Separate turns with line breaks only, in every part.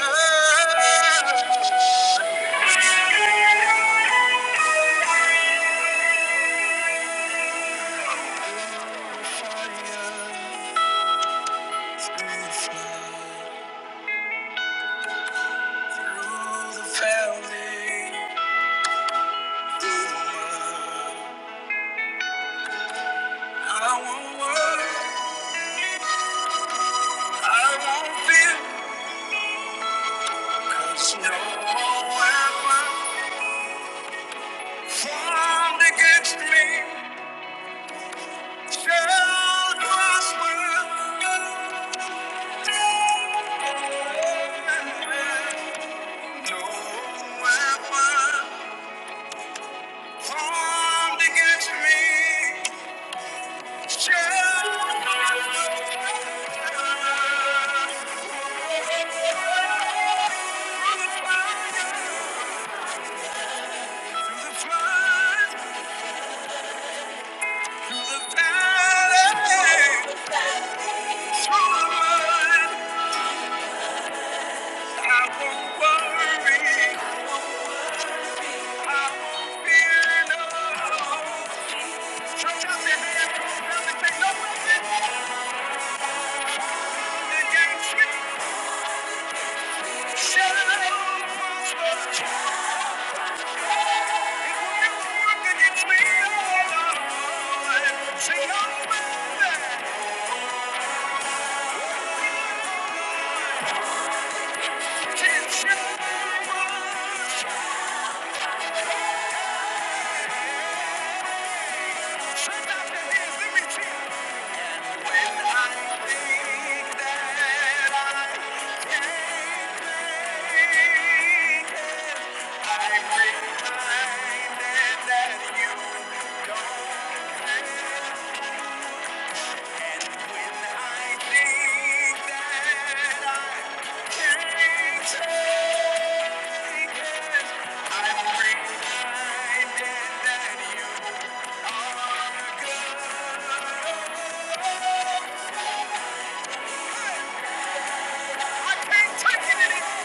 No weapon Come to Through the flood, through the valley, through the mud, I won't worry. I won't fear no. Stretch out your hand, come down and take no weapon formed against me. Shall prosper. It won't me, oh Lord. Say, no Thank you. I can't take it anymore.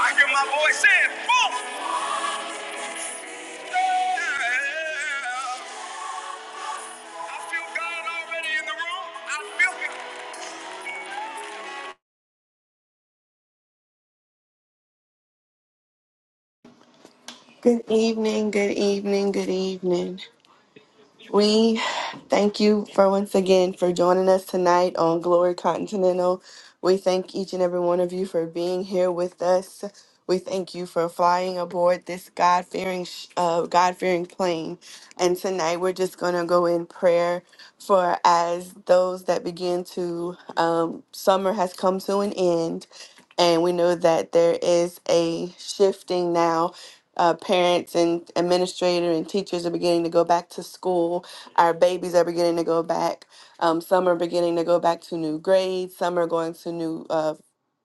I hear my voice saying, boom! I feel God already in the room. I feel it.
Good evening, good evening, good evening. We thank you for once again for joining us tonight on Glory Continental. We thank each and every one of you for being here with us. We thank you for flying aboard this God fearing, uh, God fearing plane. And tonight we're just going to go in prayer for as those that begin to um, summer has come to an end, and we know that there is a shifting now. Uh, parents and administrator and teachers are beginning to go back to school our babies are beginning to go back. Um, some are beginning to go back to new grades. Some are going to new, uh,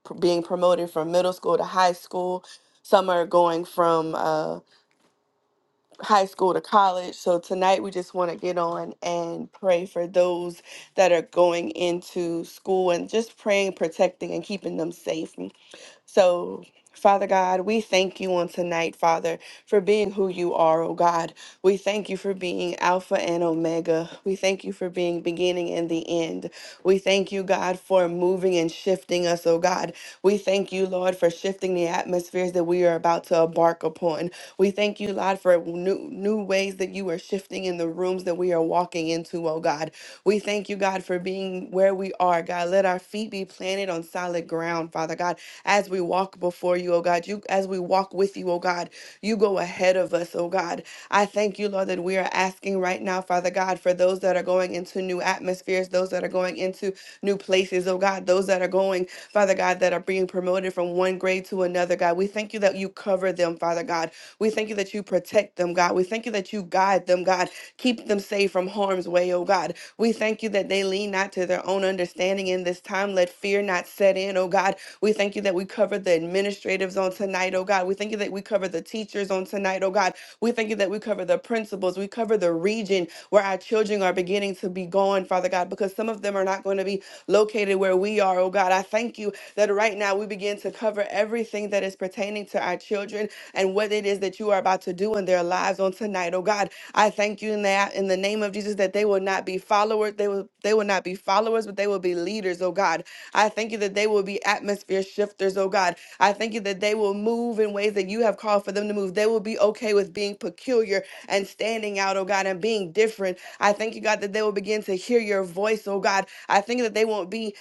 pr- being promoted from middle school to high school. Some are going from uh, high school to college. So tonight we just want to get on and pray for those that are going into school and just praying, protecting, and keeping them safe. So, Father God, we thank you on tonight, Father, for being who you are, oh God. We thank you for being Alpha and Omega. We thank you for being beginning and the end. We thank you, God, for moving and shifting us, oh God. We thank you, Lord, for shifting the atmospheres that we are about to embark upon. We thank you, Lord, for new, new ways that you are shifting in the rooms that we are walking into, oh God. We thank you, God, for being where we are, God. Let our feet be planted on solid ground, Father God, as we walk before you, oh God. You as we walk with you, oh God, you go ahead of us, oh God. I thank you, Lord, that we are asking right now, Father God, for those that are going into new atmospheres, those that are going into new places, oh God, those that are going, Father God, that are being promoted from one grade to another, God. We thank you that you cover them, Father God. We thank you that you protect them, God. We thank you that you guide them, God. Keep them safe from harm's way, oh God. We thank you that they lean not to their own understanding in this time. Let fear not set in, oh God. We thank you that we cover the administratives on tonight, oh God. We thank you that we cover the teachers on tonight, oh God. We thank you that we cover the principals. We cover the region where our children are beginning to be gone, Father God, because some of them are not going to be located where we are, oh God. I thank you that right now we begin to cover everything that is pertaining to our children and what it is that you are about to do in their lives on tonight, oh God. I thank you in that in the name of Jesus that they will not be followers, they will they will not be followers, but they will be leaders, oh God. I thank you that they will be atmosphere shifters, oh God. I thank you that they will move in ways that you have called for them to move. They will be okay with being peculiar and standing out, oh God, and being different. I thank you, God, that they will begin to hear your voice, oh God. I think that they won't be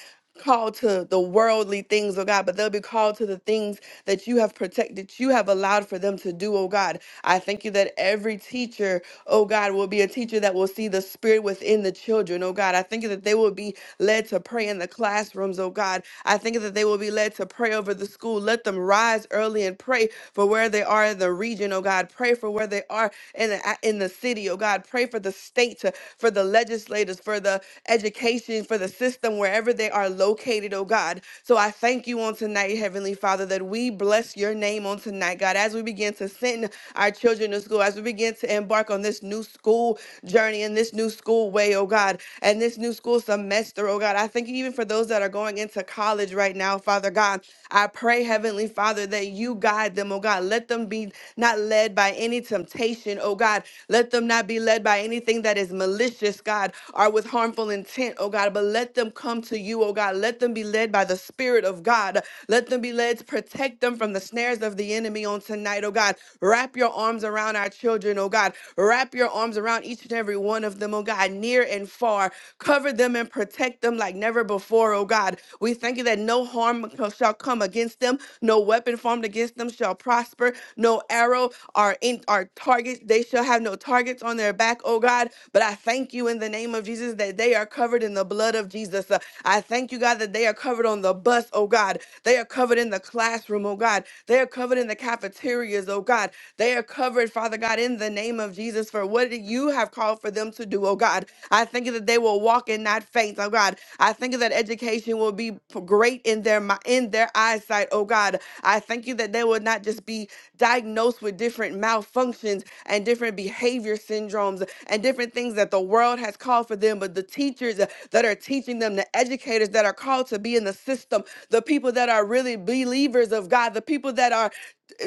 called to the worldly things, oh God, but they'll be called to the things that you have protected, you have allowed for them to do, oh God. I thank you that every teacher, oh God, will be a teacher that will see the spirit within the children, oh God. I thank you that they will be led to pray in the classrooms, oh God. I. I think that they will be led to pray over the school. Let them rise early and pray for where they are in the region, oh God. Pray for where they are in the, a- in the city, oh God. Pray for the state, uh, for the legislators, for the education, for the system, wherever they are located, oh God. So I thank you on tonight, Heavenly Father, that we bless your name on tonight, God, as we begin to send our children to school, as we begin to embark on this new school journey and this new school way, oh God, and this new school semester, oh God. God. I thank you even for those that are going into college right now, Father God. I pray, Heavenly Father, that you guide them, oh God. Let them be not led by any temptation, oh God. Let them not be led by anything that is malicious, God, or with harmful intent, oh God. But let them come to you, oh God. Let them be led by the Spirit of God. Let them be led to protect them from the snares of the enemy on tonight, oh God. Wrap your arms around our children, oh God. Wrap your arms around each and every one of them, oh God, near and far far. Cover them and protect them like never before, oh God. We thank you that no harm co- shall come against them, no weapon formed against them shall prosper, no arrow are in our targets. They shall have no targets on their back, oh God. But I thank you in the name of Jesus that they are covered in the blood of Jesus. Uh, I thank you, God, that they are covered on the bus, oh God. They are covered in the classroom, oh God. They are covered in the cafeterias, oh God. They are covered, Father God, in the name of Jesus for what you have have called for them to do, oh God. I thank you that they will walk and not faint, oh God. I thank you that education will be p- great in their mi- in their eyesight, oh God. I thank you that they will not just be diagnosed with different malfunctions and different behavior syndromes and different things that the world has called for them, but the teachers uh, that are teaching them, the educators that are called to be in the system, the people that are really believers of God, the people that are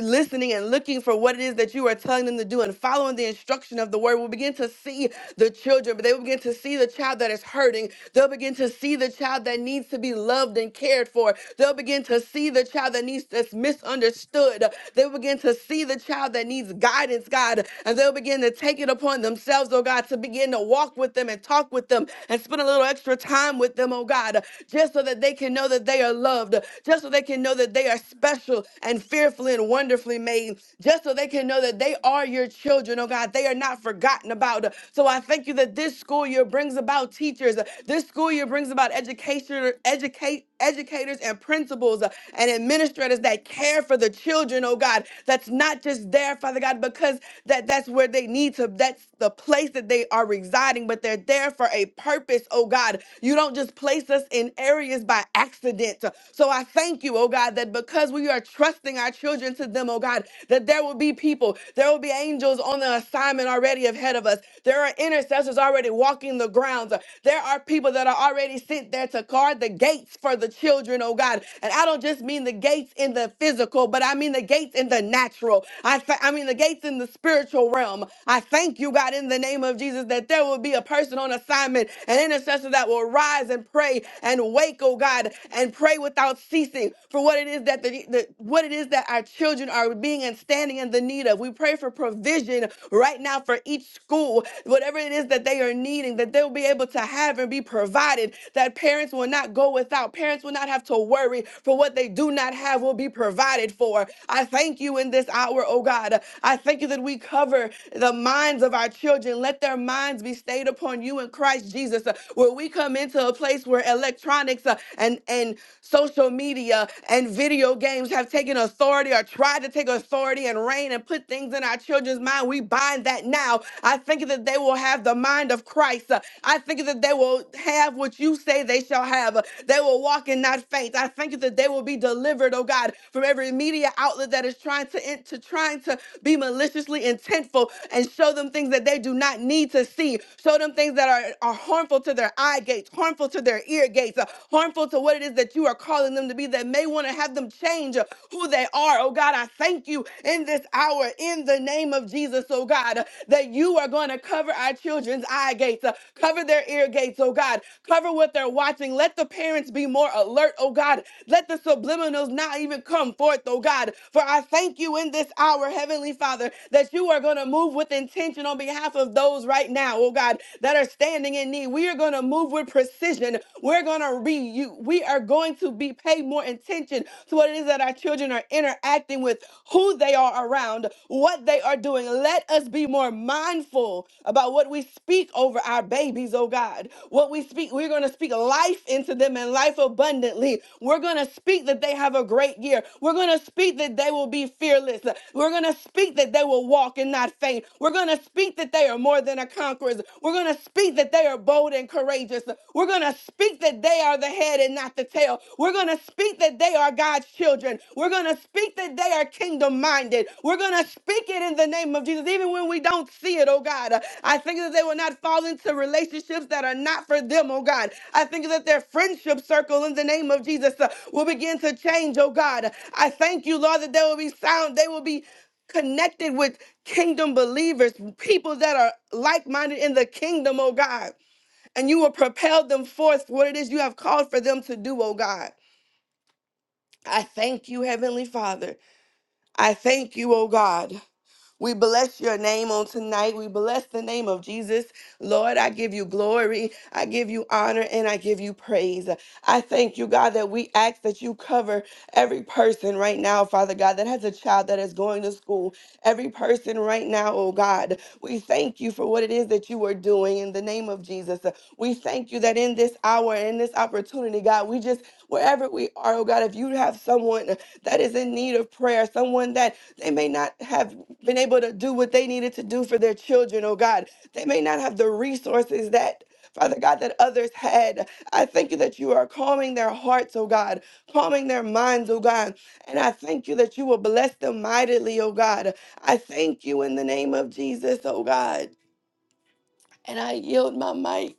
listening and looking for what it is that you are telling them to do and following the instruction of the word will begin to see the children but they will begin to see the child that is hurting they'll begin to see the child that needs to be loved and cared for they'll begin to see the child that needs that's misunderstood they'll begin to see the child that needs guidance god and they'll begin to take it upon themselves oh god to begin to walk with them and talk with them and spend a little extra time with them oh god just so that they can know that they are loved just so they can know that they are are special and fearfully and wonderfully made, just so they can know that they are your children, oh God. They are not forgotten about. So I thank you that this school year brings about teachers, this school year brings about education, educate, educators and principals uh, and administrators that care for the children, oh God. That's not just there, Father God, because that, that's where they need to, that's the place that they are residing, but they're there for a purpose, oh God. You don't just place us in areas by accident. So I thank you, oh God, that because we are trusting our children to them, oh God, that there will be people, there will be angels on the assignment already ahead of us. There are intercessors already walking the grounds. There are people that are already sent there to guard the gates for the children, oh God. And I don't just mean the gates in the physical, but I mean the gates in the natural. I, th- I mean the gates in the spiritual realm. I thank you, God, in the name of Jesus, that there will be a person on assignment, an intercessor that will rise and pray and and wake, oh God, and pray without ceasing for what it is that the, the what it is that our children are being and standing in the need of. We pray for provision right now for each school, whatever it is that they are needing, that they'll be able to have and be provided, that parents will not go without, parents will not have to worry for what they do not have will be provided for. I thank you in this hour, oh God. I thank you that we cover the minds of our children. Let their minds be stayed upon you in Christ Jesus, uh, where where we come into a place where electronics uh, and and social media and video games have taken authority or tried to take authority and reign and put things in our children's mind. We bind that now. I think that they will have the mind of Christ. Uh, I think that they will have what you say they shall have. Uh, They will walk and not faint. I think that they will be delivered, oh God, from every media outlet that is trying to, in- to trying to be maliciously intentful and show them things that they do not need to see. Show them them things that are, are harmful to their eye gates, harmful to their ear gates, uh, harmful to what it is that you are calling them to be that may want to have them change uh, who they are. Oh God, I thank you in this hour in the name of Jesus, oh God, uh, that you are going to cover our children's eye gates, uh, cover their ear gates, oh God, cover what they're watching. Let the parents be more alert, oh God. Let the subliminals not even come forth, oh God. For I thank you in this hour, Heavenly Father, that you are going to move with intention on behalf behalf of those right now, oh God, that are standing in need. We are going to move with precision. We're going to re you. We are going to be pay more attention to what it is that our children are interacting with, who they are around, what they are doing. Let us be more mindful about what we speak over our babies, oh God. What we speak, we're going to speak life into them and life abundantly. We're going to speak that they have a great year. We're going to speak that they will be fearless. We're going to speak that they will walk in and not faint. We're going to speak that they are more than a conquerors. We're going to speak that they are bold and courageous. We're going to speak that they are the head and not the tail. We're going to speak that they are God's children. We're going to speak that they are kingdom minded. We're going to speak it in the name of Jesus, even when we don't see it, oh God. I think that they will not fall into relationships that are not for them, oh God. I think that their friendship circle in the name of Jesus uh, will begin to change, oh God. I thank you, Lord, that they will be sound. They will be connected with kingdom believers, people that are like minded in the kingdom, oh God. And you will propel them forth for what it is you have called for them to do, oh God. I thank you, Heavenly Father. I thank you, oh God. We bless your name on tonight. We bless the name of Jesus. Lord, I give you glory. I give you honor and I give you praise. I thank you, God, that we ask that you cover every person right now, Father God, that has a child that is going to school. Every person right now, oh God, we thank you for what it is that you are doing in the name name of Jesus. Uh, We thank you that in this hour in this opportunity, God, we just, wherever we are, oh God, if you have someone uh, that is in need of prayer, someone that they may not have been able to do what they needed to do for their children, oh God, they may not have the resources that. Father God, that others had. I thank you that you are calming their hearts, oh God, calming their minds, oh God. And I thank you that you will bless them mightily, oh God. I thank you in the name of Jesus, oh God. And I yield my mic.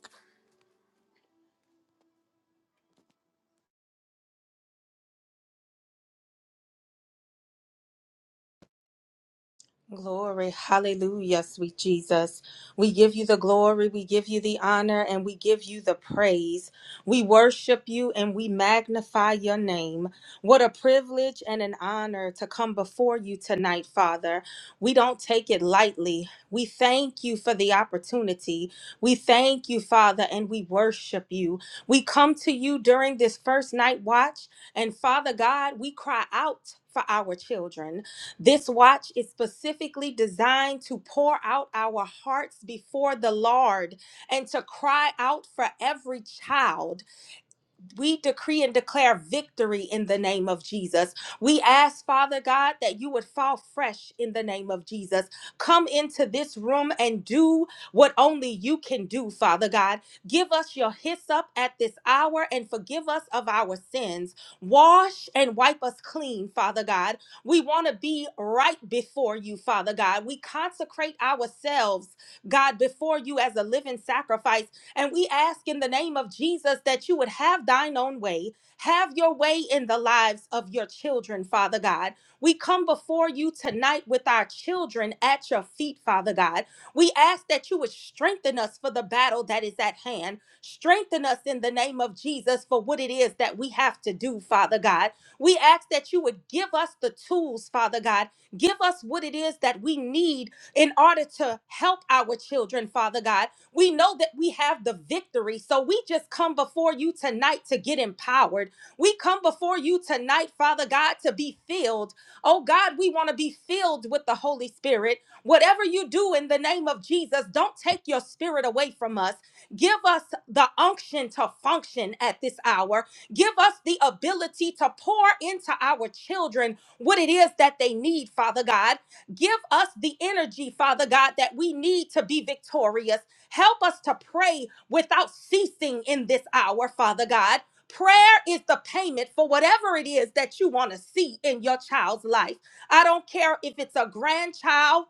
Glory, hallelujah, sweet Jesus. We give you the glory, we give you the honor, and we give you the praise. We worship you and we magnify your name. What a privilege and an honor to come before you tonight, Father. We don't take it lightly. We thank you for the opportunity. We thank you, Father, and we worship you. We come to you during this first night watch, and Father God, we cry out for our children. This watch is specifically designed to pour out our hearts before the Lord and to cry out for every child we decree and declare victory in the name of Jesus. We ask, Father God, that you would fall fresh in the name of Jesus. Come into this room and do what only you can do, Father God. Give us your hyssop at this hour and forgive us of our sins. Wash and wipe us clean, Father God. We want to be right before you, Father God. We consecrate ourselves, God, before you as a living sacrifice and we ask in the name of Jesus that you would have thine own way, have your way in the lives of your children, Father God. We come before you tonight with our children at your feet, Father God. We ask that you would strengthen us for the battle that is at hand. Strengthen us in the name of Jesus for what it is that we have to do, Father God. We ask that you would give us the tools, Father God. Give us what it is that we need in order to help our children, Father God we know that we have the victory. So we just come before you tonight to get empowered. We come before you tonight, Father God, to be filled. Oh God, we want to be filled with the Holy Spirit. Whatever you do in the name of Jesus, don't take your spirit away from us. Give us the unction to function at this hour. Give us the ability to pour into our children what it is that they need, Father God. Give us the energy, Father God, that we need to be victorious. Help us to pray without ceasing in this hour, Father God. Prayer is the payment for whatever it is that you want to see in your child's life. I don't care if it's a grandchild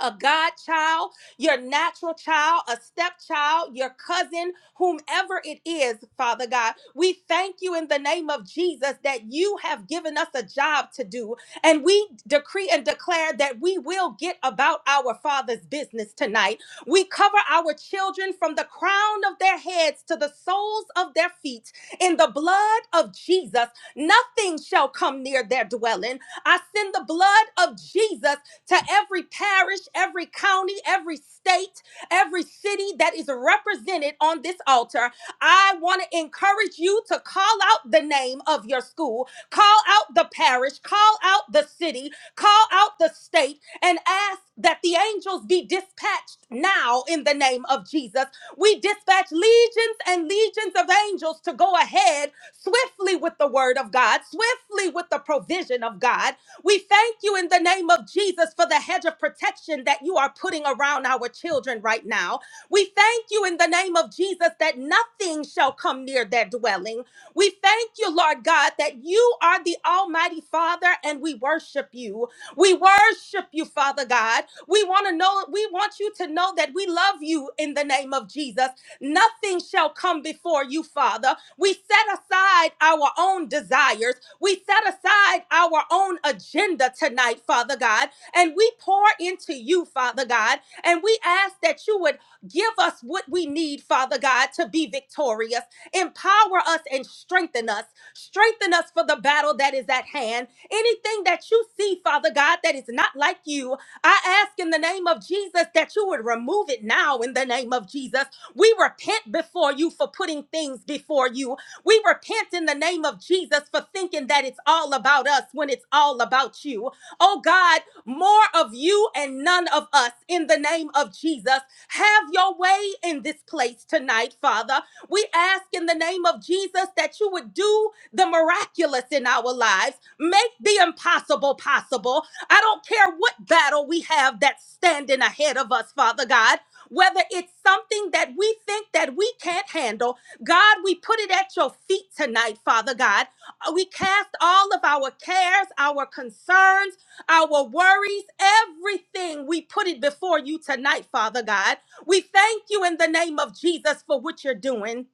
a godchild, your natural child, a stepchild, your cousin, whomever it is, Father God. We thank you in the name of Jesus that you have given us a job to do. And we decree and declare that we will get about our Father's business tonight. We cover our children from the crown of their heads to the soles of their feet in the blood of Jesus. Nothing shall come near their dwelling. I send the blood of Jesus to every parish, every county, every state, every city that is represented on this altar. I want to encourage you to call out the name of your school, call out the parish, call out the city, call out the state, and ask that the angels be dispatched now in the name of Jesus. We dispatch legions and legions of angels to go ahead swiftly with the word of God, swiftly with the provision of God we thank you in the name of Jesus for the hedge of protection that you are putting around our children right now. We thank you in the name of Jesus that nothing shall come near their dwelling. We thank you, Lord God, that you are the Almighty Father and we worship you. We worship you, Father God. We want to know, we want you to know that we love you in the name of Jesus. Nothing shall come before you, Father. We set aside our own desires. We set aside our own agenda tonight, Father God, and we pour into you, Father God, and we ask that you would give us what we need, Father God, to be victorious. Empower us and strengthen us. Strengthen us for the battle that is at hand. Anything that you see, Father God, that is not like you, I ask in the name of Jesus that you would remove it now in the name of Jesus. We repent before you for putting things before you we repent in the name of Jesus for thinking that it's all about us when it's all about you. Oh God, more of you and none of us in the name of Jesus. Have your way in this place tonight, Father. We ask in the name of Jesus that you would do the miraculous in our lives, make the impossible possible. I don't care what battle we have that's standing ahead of us, Father God. Whether it's something that we think that we can't handle, God, we put it at your feet tonight, Father God. Uh, We cast all of our cares, our concerns, our worries, everything. We put it before you tonight, Father God. We thank you in the name of Jesus for what you're doing.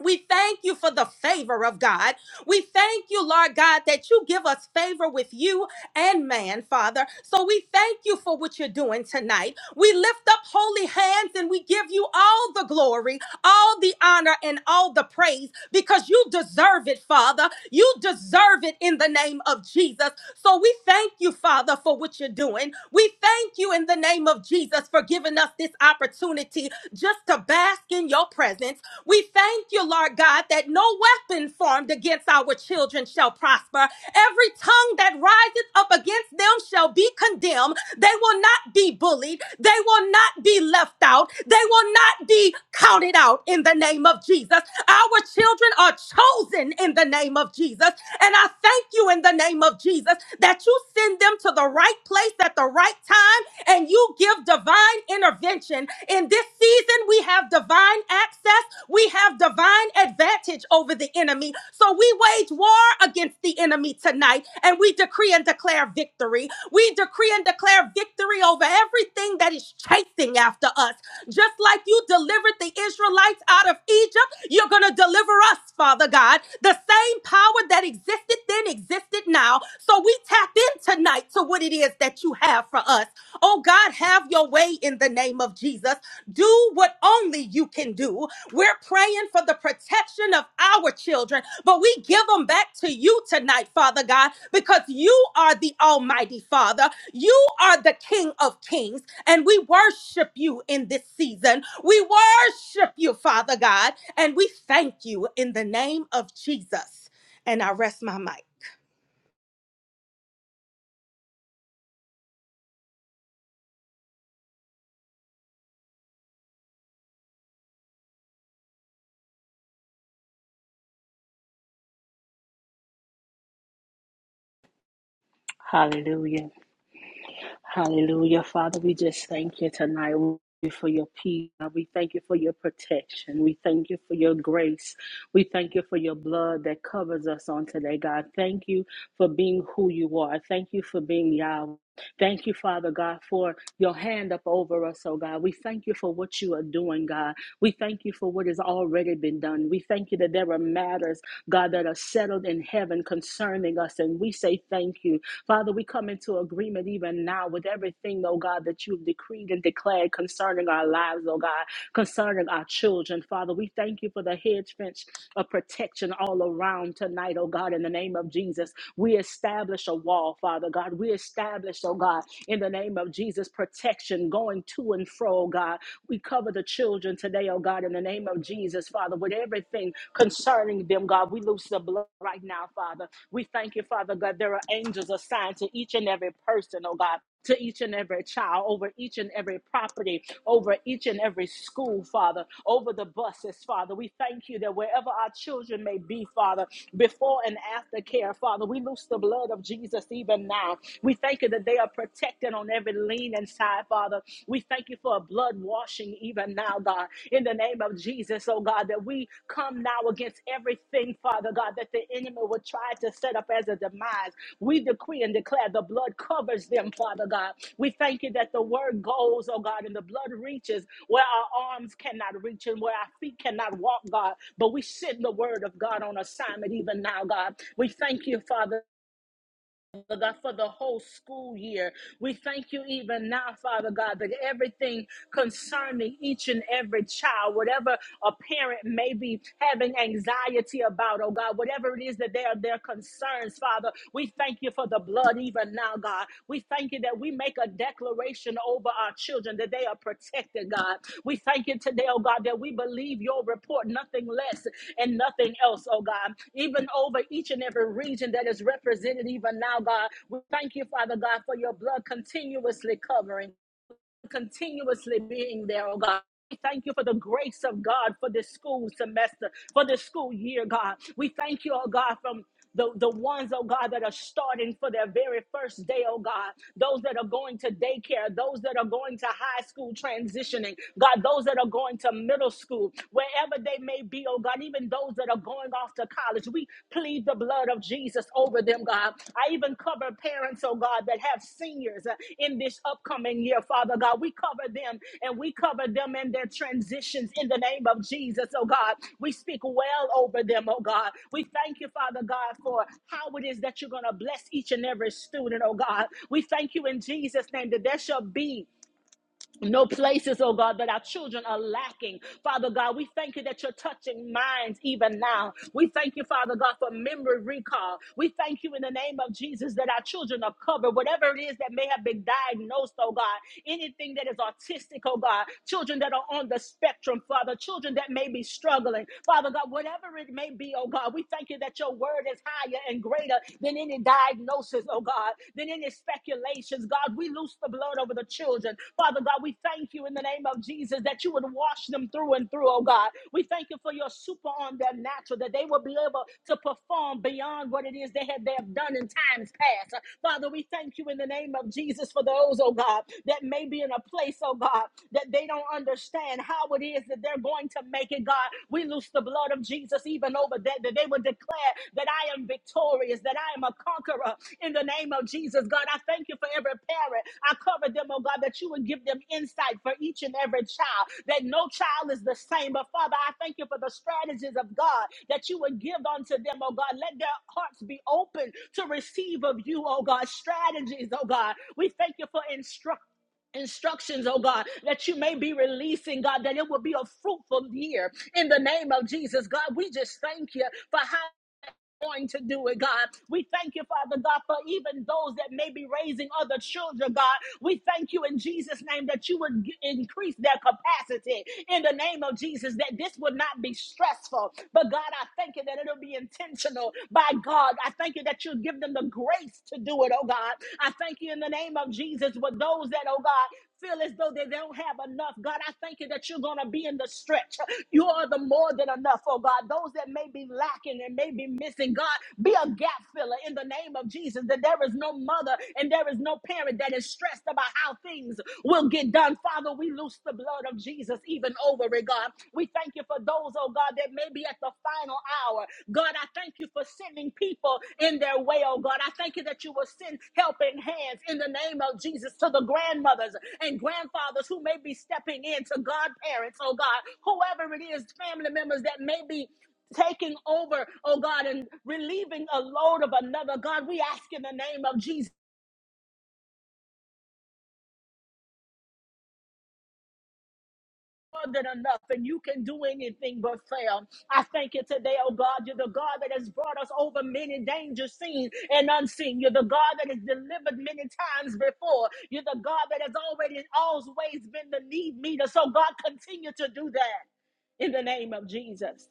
We thank you for the favor of God. We thank you, Lord God, that you give us favor with you and man, Father. So we thank you for what you're doing tonight. We lift up holy hands and we give you all the glory, all the honor, and all the praise because you deserve it, Father. You deserve it in the name of Jesus. So we thank you, Father, for what you're doing. We thank you in the name of Jesus for giving us this opportunity just to bask in your presence we thank you, Lord God, that no weapon formed against our children shall prosper. Every tongue that riseth up against them shall be condemned. They will not be bullied. They will not be left out. They will not be counted out in the name of Jesus. Our children are chosen in the name of Jesus. And I thank you in the name of Jesus that you send them to the right place at the right time and you give divine intervention. In this season, we have divine access, we have divine advantage over the enemy. So we wage war against the enemy tonight, and we decree and declare victory. We decree and declare victory over everything that is chasing after us. Just like you delivered the Israelites out of Egypt, you're going to deliver us, Father God. The same power that existed then existed now. So we tap in tonight to what it is that you have for us. Oh God, have your way in the name of Jesus. Do what only you can do. We're praying for the protection of our children, but we give them back to you tonight, Father God, because you are the Almighty Father. You are the King of Kings. And we worship you in this season. We worship you, Father God. And we thank you in the name of Jesus. And I rest my mic.
Hallelujah. Hallelujah. Father, we just thank you tonight We thank you for your peace. We thank you for your protection. We thank you for your grace. We thank you for your blood that covers us on today, God. Thank you for being who you are. Thank you for being Yahweh. Thank you, Father God, for your hand up over us, oh God. We thank you for what you are doing, God. We thank you for what has already been done. We thank you that there are matters, God, that are settled in heaven concerning us. And we say thank you. Father, we come into agreement even now with everything, oh God, that you've decreed and declared concerning our lives, oh God, concerning our children. Father, we thank you for the hedge fence of protection all around tonight, oh God, in the name of Jesus. We establish a wall, Father God. We establish, oh God, in the name of Jesus, protection going to and fro, oh God. We cover the children today, oh God, in the name of Jesus, Father, with everything concerning them, God. We loose the blood right now, Father. We thank you, Father God. There are angels assigned to each and every person, oh God. To each and every child, over each and every property, over each and every school, Father, over the buses, Father. We thank you that wherever our children may be, Father, before and after care, Father, we loose the blood of Jesus even now. We thank you that they are protected on every lean and side, Father. We thank you for a blood washing even now, God, in the name of Jesus, oh God, that we come now against everything, Father God, that the enemy would try tried to set up as a demise. We decree and declare the blood covers them, Father God. We thank you that the word goes, oh God, and the blood reaches where our arms cannot reach and where our feet cannot walk, God. But we send the word of God on assignment even now, God. We thank you, Father. Father God, for the whole school year. We thank you even now, Father God, that everything concerning each and every child, whatever a parent may be having anxiety about, oh God, whatever it is that they are their concerns, Father, we thank you for the blood even now, God. We thank thank you that we make a declaration over our children that they are protected, God. We thank you today, oh God, that we believe your report, nothing less and nothing else, oh God. Even over each and every region that is represented, even now, God, we thank you, Father God, for your blood continuously covering continuously being there, oh God. We thank you for the grace of God for this school semester, for this school year, God. We thank you, oh God, from the, the ones, oh God, that are starting for their very first day, oh God. Those that are going to daycare, those that are going to high school transitioning, God, those that are going to middle school, wherever they may be, oh God, even those that are going off to college marriage. We plead the blood of Jesus over them, God. I even cover parents, oh God, that have seniors uh, in this upcoming year, Father God. We cover them and we cover them in their transitions in the name of Jesus, oh God. We speak well over them, oh God. We thank you, Father God, for how it is that you're going to bless each and every student, oh God. We thank you in Jesus' name that there shall be no places, oh God, that our children are lacking. Father God, we thank you that you're touching minds even now. We thank you, Father God, for memory recall. We thank you in the name of Jesus that our children are covered. Whatever it is that may have been diagnosed, oh God, anything that is autistic, oh God, children that are on the spectrum, Father, children that may be struggling, Father God, whatever it may be, oh God, we thank you that your word is higher and greater than any any diagnosis, oh God, than any speculations. God, we loose the blood over the children. Father God, we thank you in the name of Jesus that you would wash them through and through, oh God. We thank you for your super on their natural, that they will be able to perform beyond what it is they have, they have done in times past. Father, we thank you in the name of Jesus for those, oh God, that may be in a place, oh God, that they don't understand how it is that they're going to make it, God. We loose the blood of Jesus even over that, that they would declare that I am victorious, that I am a conqueror in the name of Jesus. God, I thank you for every parent. I cover them, oh God, that you would give them insight for each and every child, that no child is the same. But Father, I thank you for the strategies of God that you would give unto them, oh God. Let their hearts be open to receive of you, oh God, strategies, oh God. We thank you for instructing instructions, oh God, that you may be releasing, God, that it will be a fruitful year in the name of Jesus. God, we just thank you for how going to do it, God. We thank you, Father God, for even those that may be raising other children, God. We thank you in Jesus' name that you would g- increase their capacity in the name of Jesus, that this would not be stressful. But God, I thank you that it'll be intentional by God. I thank you that you'll give them the grace to do it, oh God. I thank you in the name of Jesus with those that, oh God, feel as though they don't have enough. God, I thank you that you're going to be in the stretch. You are the more than enough, oh God. Those that may be lacking and may be missing, God, be a gap filler in the name of Jesus. That there is no mother and there is no parent that is stressed about how things will get done. Father, we loose the blood of Jesus even over it, God. We thank you for those, oh God, that may be at the final hour. God, I thank you for sending people in their way, oh God. I thank you that you will send helping hands in the name of Jesus to the grandmothers and grandfathers who may be stepping in, to godparents, oh God, whoever it is, family members that may be taking over, oh God, and relieving a load of another. God, we ask in the name of Jesus more than enough and you can do anything but fail. I thank you today, oh God. You're the God that has brought us over many dangers seen and unseen. You're the God that has delivered many times before. You're the God that has already always been the need meter. So God continue to do that in the name of Jesus.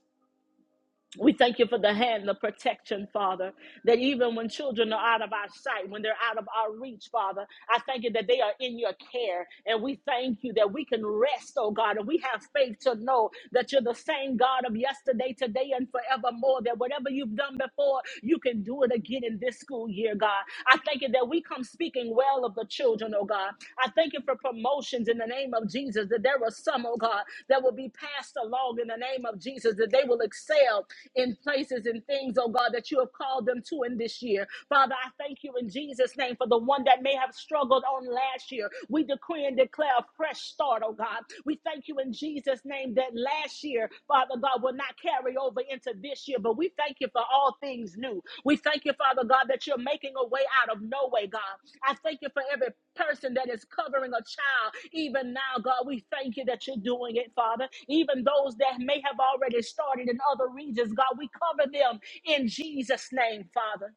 We thank you for the hand, the protection, Father, that even when children are out of our sight, when they're out of our reach, Father, I thank you that they are in your care. And we thank you that we can rest, oh God, and we have faith to know that you're the same God of yesterday, today, and forevermore, that whatever you've done before, you can do it again in this school year, God. I thank you that we come speaking speaking well of the children, oh God. I thank you for promotions in the name of Jesus, that there are some, oh God, that will be passed along in the name of Jesus, that they will excel in places and things, oh God, that you have called them to in this year. Father, I thank you in Jesus' name for the one that may have struggled on last year. We decree and declare a fresh start, oh God. We thank you in Jesus' name that last year, Father God, will not carry over into this year. But we thank you for all things new. We thank you, Father God, that you're making a way out of no way, God. I thank you for every person that is covering a child. Even now, God, we thank you that you're doing it, Father. Even those that may have already started in other regions, God, we cover them in Jesus' name, Father.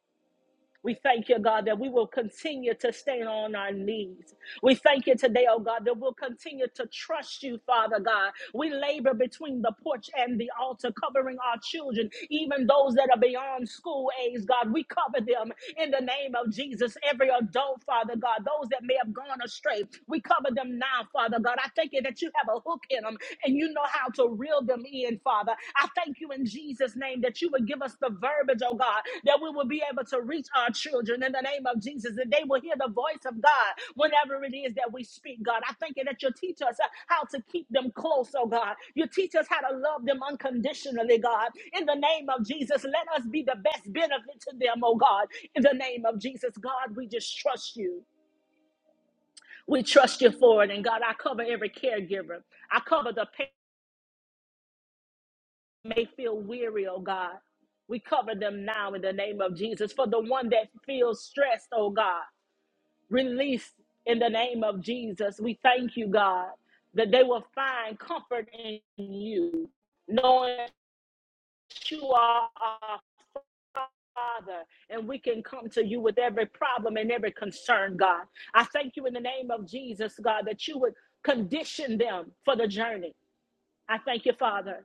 We thank you, God, that we will continue to stay on our knees. We thank you today, oh God, that we'll continue to trust you, Father God. We labor between the porch and the altar, covering our children, even those that are beyond school age, God. We cover them in the name of Jesus. Every adult, Father God, those that may have gone astray, we cover them now, Father God. I thank you that you have a hook in them and you know how to Reel them in, Father. I thank you in Jesus' name that you would give us the verbiage, oh God, that we will be able to reach our children in the name of Jesus, that they will hear the voice of God whenever it is that we speak, God. I thank you that you teach us uh, how to keep them close, oh God. You teach us how to love them unconditionally, God. In the name of Jesus, let us be the best benefit to them, oh God. In the name of Jesus, God, we just trust you. We trust you for it. And God, I cover every caregiver. I cover the parents. may feel weary, oh God. We cover them now in the name of Jesus. For the one that feels stressed, oh God, release in the name of Jesus. We thank you, God, that they will find comfort in you, knowing that you are our Father, and we can come to you with every problem and every concern, God. I thank you in the name of Jesus, God, that you would condition them for the journey. I thank you, Father.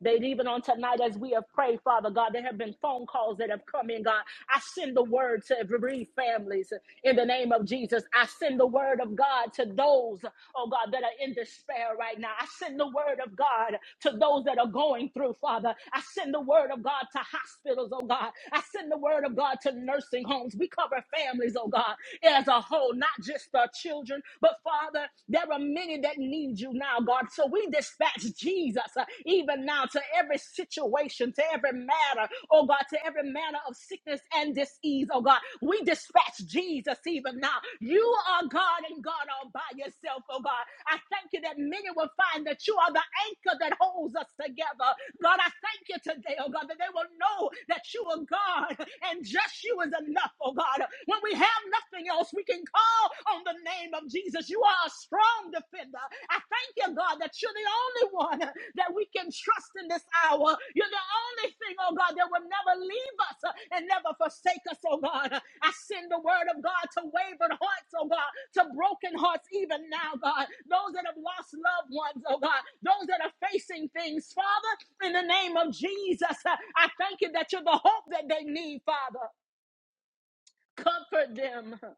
That even on tonight, as we have prayed, Father God, there have been phone calls that have come in, God. I send the word to every families in the name of Jesus. I send the word of God to those, oh God, that are in despair right now. I send the word of God to those that are going through, Father. I send the word of God to hospitals, oh God. I send the word of God to nursing homes. We cover families, oh God, as a whole, not just our children, but Father, there are many that need need you now, God. So we dispatch Jesus uh, even now to every situation, to every matter, oh God, to every manner of sickness and disease, oh God. We dispatch Jesus even now. You are God and God all by yourself, oh God. I thank you that many will find that you are the anchor that holds us together. God, I thank you today, oh God, that they will know that you are God and just you is enough, oh God. When we have nothing else, we can call Oh, on the name of Jesus. You are a strong defender. I thank you, God, that you're the only one that we can trust in this hour. You're the only thing, oh God, that will never leave us and never forsake us, oh God. I send the word of God to wavered hearts, oh God, to broken hearts even now, God. Those that have lost loved ones, oh God, those that are facing things, Father, in the name of Jesus, I thank you that you're the hope that they need, Father. Comfort them.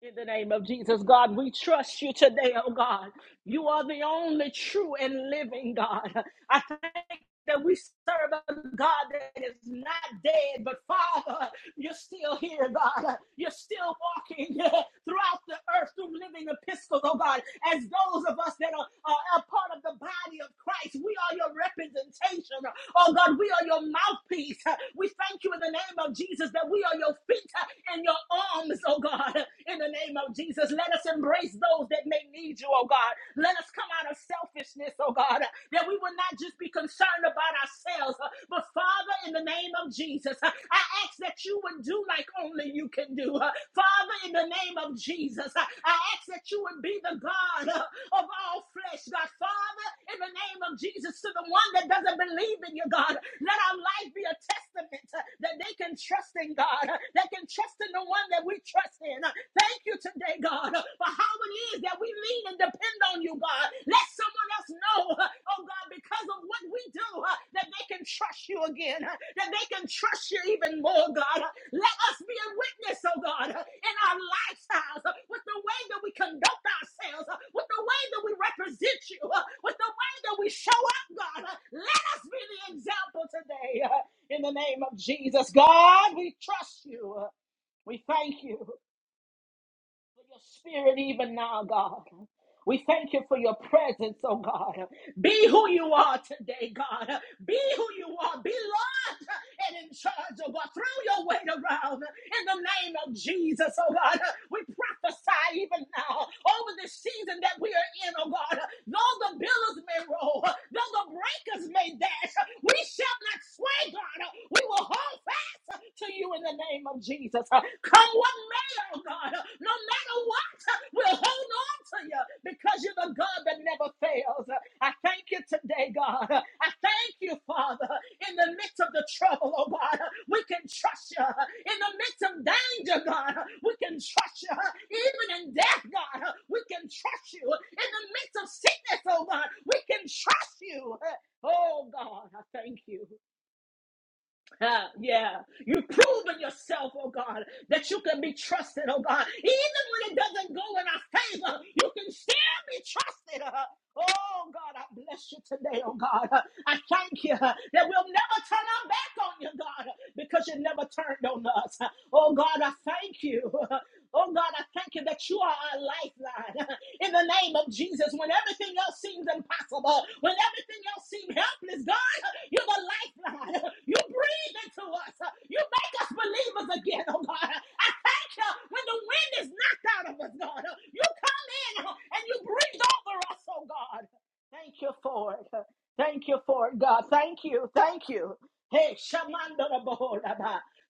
In the name of Jesus, God, we trust you today, oh God. You are the only true and living God. I thank that we serve a God that is not dead, but Father, you're still here, God. You're still walking throughout the earth through living epistles, oh God. As those of us that are, are a part of the body of Christ, we are your representation. Oh God, we are your mouthpiece. We thank you in the name of Jesus that we are your feet and your arms, oh God. In the name of Jesus, let us embrace those that may need you, oh God. God. Let us come out of selfishness, oh God, uh, that we will not just be concerned about ourselves, uh, but Father, in the name of Jesus, uh, I ask that you would do like only you can do. uh, Father, in the name of Jesus, uh, I ask that you would be the God uh, of all flesh, God. Father, in the name of Jesus, to the one that doesn't believe in you, God, let our life be a testament uh, that they can trust in God, uh, that can trust in the one that we trust in. Uh, Thank you today, God, uh, for how it is that we lean and depend on you, God. Let someone else know, uh, oh God, because of what we do uh, that they can trust you again, uh, that they can trust you even more, God. Uh, let us be a witness, oh God, uh, in our lifestyles, uh, with the way that we conduct ourselves, uh, with the way that we represent you, uh, with the way that we show up, God. Uh, let us be the example today uh, in the name of Jesus. God, we trust you. Uh, we thank you for your spirit even now, God. We thank you for your presence, oh God. Be who you are today, God. Be who you are. Be Lord and in charge, oh God. Throw your weight around in the name of Jesus, oh God. We prophesy even now over this season that we are in, oh God. Though the billows may roll, though the breakers may dash, we shall not sway, God. We will hold fast to you in the name of Jesus. Come what matter, oh God, no matter what, we'll hold on to you because you're the God that never fails. I thank you today, God. I thank you, Father, in the midst of the trouble, oh God, we can trust you. In the midst of danger, God, we can trust you. Even in death, God, we can trust you. In the midst of sickness, oh God, we can trust you. Oh God, I thank you. Ah, yeah, you've proven yourself, oh God, that you can be trusted, oh God. Even when it doesn't go in our favor, you can still be trusted. uh. Oh God, I bless you today, oh God. Uh, I thank you uh, that we'll never turn our back on you, God, uh, because you never turned on us. Uh, Oh God, I thank you. Oh God, I thank you that you are our lifeline. In the name of Jesus, when everything else seems impossible, when everything else seems helpless, God, you're the lifeline. You breathe into us. You make us believers again, oh God. I thank you when the wind is knocked out of us, God. You come in and you breathe over us, oh God. Thank you for it. Thank you for it, God. Thank you. Thank you. Hey, Shamando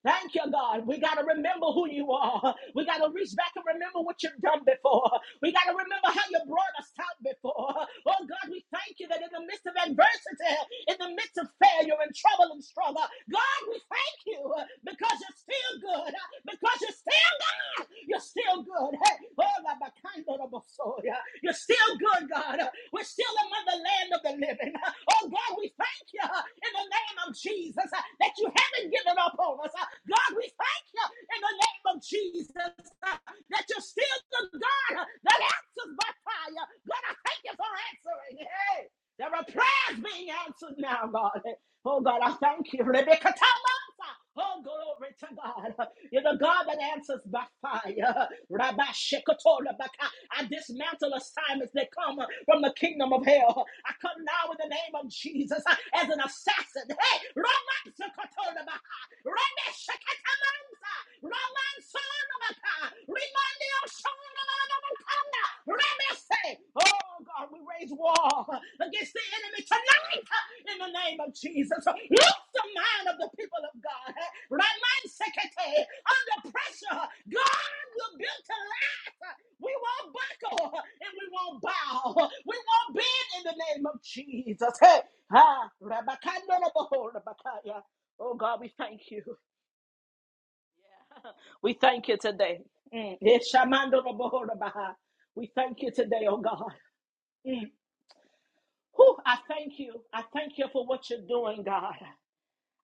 Thank you, God. We got to remember who you are. We got to reach back and remember what you've done before. We got to remember how you brought us out before. Oh, God, we thank you that in the midst of adversity, in the midst of failure and trouble and struggle, God, we thank you because you're still good, because you're still God. You're still good. Hey, oh, Rabbi, Andorobosoya. You're still good, God. We're still among the land of the living. Oh, God, we thank you in the name of Jesus that you haven't given up on us. God, we thank you in the name of Jesus that you're still the God that answers by fire. God, I thank you for answering. Hey, there are prayers being answered now, God. Oh, God, I thank you. Rebecca, tell me. Oh, glory to God. You're the God that answers by fire. Rabbi Shekotora Baka. I dismantle assignments that come from the kingdom of hell. I come now in the name of Jesus as an assassin. Hey, Rabbi Shekotora Baka. Remeshekatamansa, Ramansolomaka, Rimandiosolomakanda, Remese. Oh God, we raise war against the enemy tonight in the name of Jesus. Loose the mind of the people of God. Ramansekete, Under pressure, God will build to last. We won't buckle and we won't bow. We won't bend in the name of Jesus. Hey, ah, rabakandorobo, rabakaya. Oh God, we thank you. We thank you today. Mm. Eshamandorobo, rabaha. We thank you today, oh God. Whew, I thank you. I thank you for what you're doing, God.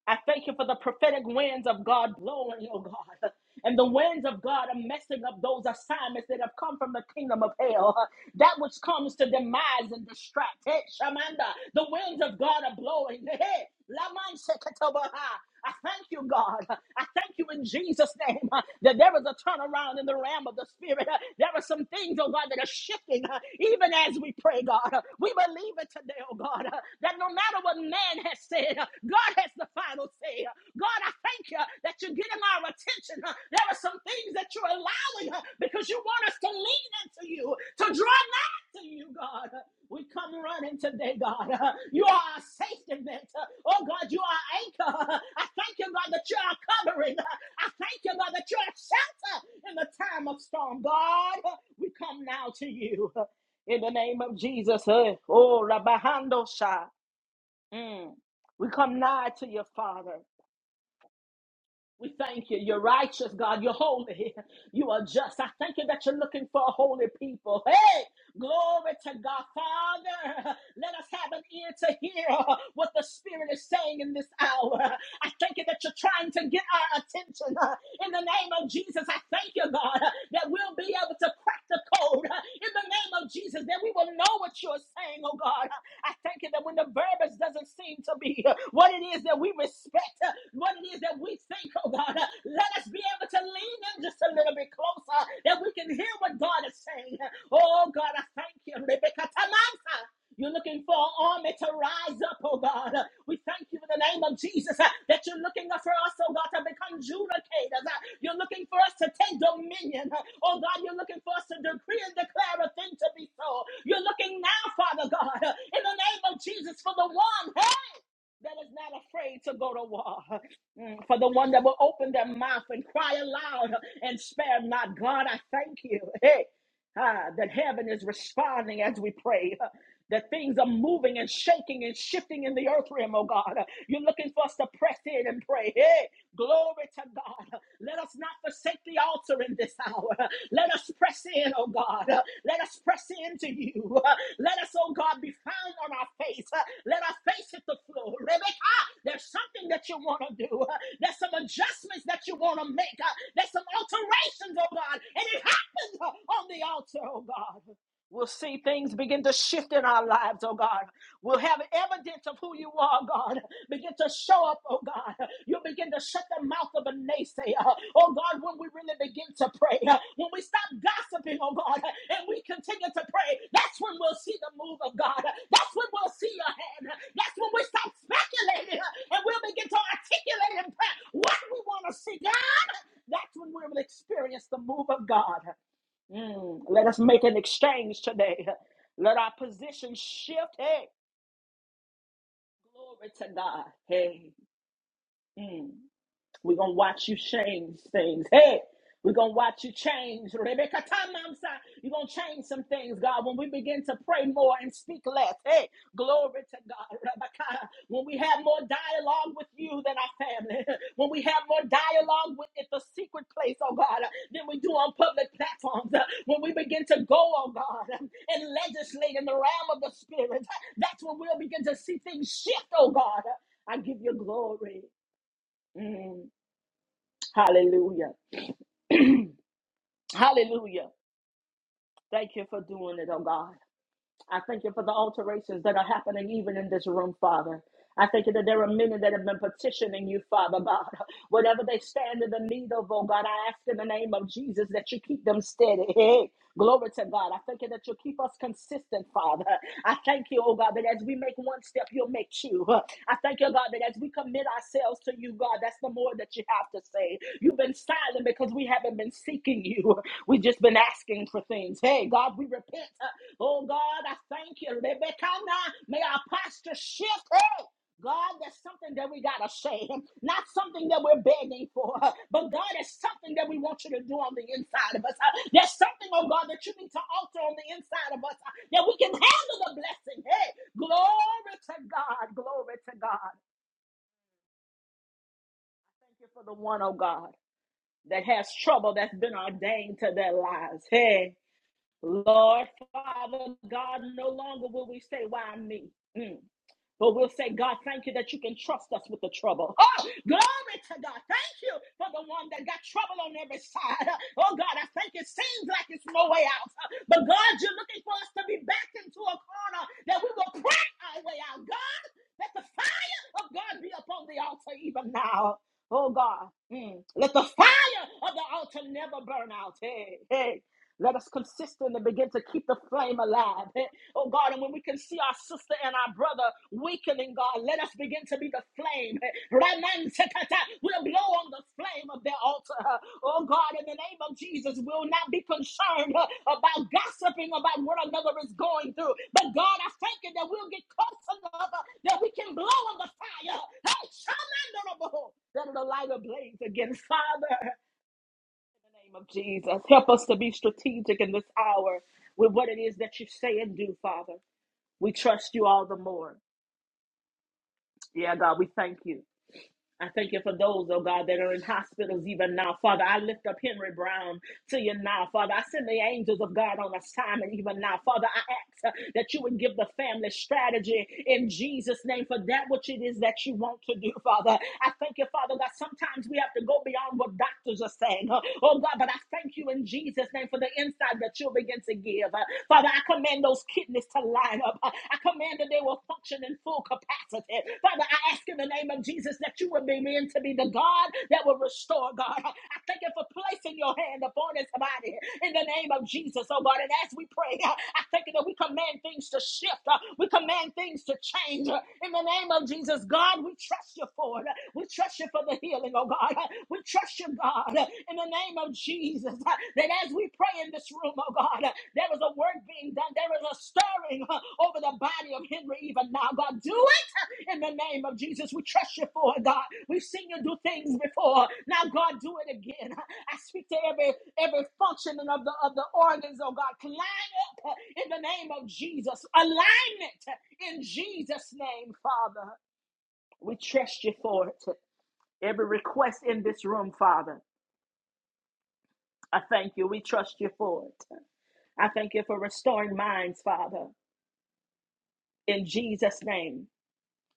I thank you for the prophetic winds of God blowing, oh God. And the winds of God are messing up those assignments that have come from the kingdom of hell. huh? That which comes to demise and distract. Hey, Shamanda, the winds of God are blowing. Hey, Laman Seketobaha. I thank you, God. I thank you in Jesus' name uh, that there is a turnaround in the realm of the spirit. Uh, There are some things, oh God, that are shifting uh, even as we pray, God. Uh, We believe it today, oh God, uh, that no matter what man has said, uh, God has the final say. Uh, God, I thank you uh, that you're getting our attention. Uh, There are some things that you're allowing uh, because you want us to lean into you, to draw to you, God. We come running today, God. You are our safety net. Oh, God, you are our anchor. I thank you, God, that you are covering. I thank you, God, that you are shelter in the time of storm. God, we come now to you in the name of Jesus. eh. Oh, Rabahando Shah. Mm. We come nigh to your Father. We thank you. You're righteous, God. You're holy. You are just. I thank you that you're looking for a holy people. Hey, glory to God. Father, let us have an ear to hear what the Spirit is saying in this hour. I thank you that you're trying to get our attention. In the name of Jesus, I thank you, God, that we'll be able to crack the code. In the name of Jesus, that we will know what you're saying, oh God. I thank you that when the verbiage doesn't seem to be uh, what it is that we respect, uh, what it is that we think, oh God, uh, let us be able to lean in just a little bit closer that we can hear what God is saying. Oh God, I thank you. Rebecca Tamansa. You're looking for an army to rise rise up, oh God. We thank you in the name of Jesus uh, that you're looking for us, oh God, to become judicators. Uh, You're looking for us to take dominion. Uh, Oh God, you're looking for us to decree and declare a thing to be so. You're looking now, Father God, uh, in the name of Jesus for the one, hey, that is not afraid to go to war. Mm, For the one that will open their mouth and cry aloud and spare not. God, I thank you. Hey. Ah, that heaven is responding as we pray. Uh, That things are moving and shaking and shifting in the earth realm, oh God. Uh, You're looking for us to press in and pray. Hey, glory to God. Uh, Let us not forsake the altar in this hour. Uh, Let us press in, oh God. Uh, let us press into you. Let us, oh God, be found on our face. Let our face hit the floor. Rebecca, there's something that you want to do. There's some adjustments that you want to make. There's some alterations, oh God. And it happens on the altar, oh God. We'll see things begin to shift in our lives, oh God. We'll have evidence of who you are, God. Begin to show up, oh God. You'll begin to shut the mouth of a naysayer, oh God, when we really begin to pray. When we stop gossiping, oh God, and we continue to pray, that's when we'll see the move of God. That's when we'll see your hand. That's when we stop speculating and we'll begin to articulate in prayer what we want to see, God. That's when we'll experience the move of God. Mm, let us make an exchange today. Let our position shift. Hey, glory to God. Hey, mm. We're gonna watch you change things. Hey, we're gonna watch you change. Rebecca Tamamsa, you're gonna change some things, God. When we begin to pray more and speak less. Hey, glory to God. Rebecca, when we have more dialogue with you than our family, when we have more dialogue with at the secret place, oh God, than we do on public platforms. uh, When we begin to go, oh God, um, and legislate in the realm of the spirit, that's when we'll begin to see things shift, oh God. I give you glory. Mm. Hallelujah. Hallelujah. Thank you for doing it, oh God. I thank you for the alterations that are happening even in this room, Father. I thank you that there are many that have been petitioning you, Father God. Whatever they stand in the need of, oh God, I ask in the name of Jesus that you keep them steady. Hey, glory to God. I thank you that you keep us consistent, Father. I thank you, oh God, that as we make one step, you'll make two. I thank you, God, that as we commit ourselves to you, God, that's the more that you have to say. You've been silent because we have haven't been seeking you. We've just been asking for things. Hey, God, we repent. Oh, God, I thank you. Rebekana, May our posture shift. Hey, God, there's something that we got to say. Not something that we're begging for, but God, it's something that we want you to do on the inside of us. There's something, oh God, that you need to alter on the inside of us that we can handle the blessing. Hey, glory to God. Glory to God. Thank you for the one, oh God that has trouble that's been ordained to their lives. Hey, Lord, Father, God, no longer will we say, Why me? Mm. But we'll say, God, thank you that you can trust us with the trouble. Oh, glory to God. Thank you for the one that got trouble on every side. Oh, God, I think it seems like it's no way out. But God, you're looking for us to be backed into a corner that we will pray our way out. God, let the fire of God be upon the altar even now. Oh, God, mm. let the fire of the altar never burn out. Hey, hey. Let us consistently begin to keep the flame alive. Eh, Oh God, and when we can see our sister and our brother weakening, God, let us begin to be the flame. Eh, Raman Sekata, We'll blow on the flame of their altar. Eh, Oh God, in the name of Jesus, we'll not be concerned eh, about gossiping about what another is going through. But God, I thank you that we'll get close enough eh, that we can blow on the fire. Hey, Shaman Honorable, that it'll light a blaze again. Father, name of Jesus. Help us to be strategic in this hour with what it is that you say and do, Father. We trust you all the more. Yeah, God, we thank you. I thank you for those, oh God, that are in hospitals even now. Father, I lift up Henry Brown to you now. Father, I send the angels of God on assignment even now. Father, I ask uh, that you would give the family strategy in Jesus' name for that which it is that you want to do, Father. I thank you, Father, that sometimes we have to go beyond what doctors are saying. uh, Oh God, but I thank you in Jesus' name for the insight that you'll begin to give. Uh, Father, I command those kidneys to to line up. I command that they will function in full capacity. Father, I ask in the name of Jesus that you will begin to be the God that will restore, God. I thank you for placing your hand upon his body in the name of Jesus, oh God. And as we pray, I thank you that we command things to shift, uh, we command things to change uh, in the name of Jesus. God, we trust you for it. We trust you for the healing, oh God. We trust you, God, in the name name of Jesus, uh, that as we pray in this room, oh God, uh, there is a work being done. There is a stirring uh, over the body of Henry even now. God, do it uh, in the name of Jesus. We trust you for it, God. We've seen you do things before. Now, God, do it again. Uh, I speak to every every functioning of the of the organs, oh God. Climb up uh, in the name of Jesus. Alignment uh, in Jesus' name, Father. We trust you for it. Every request in this room, Father. I thank you. We trust you for it. I thank you for restoring minds, Father, in Jesus' name.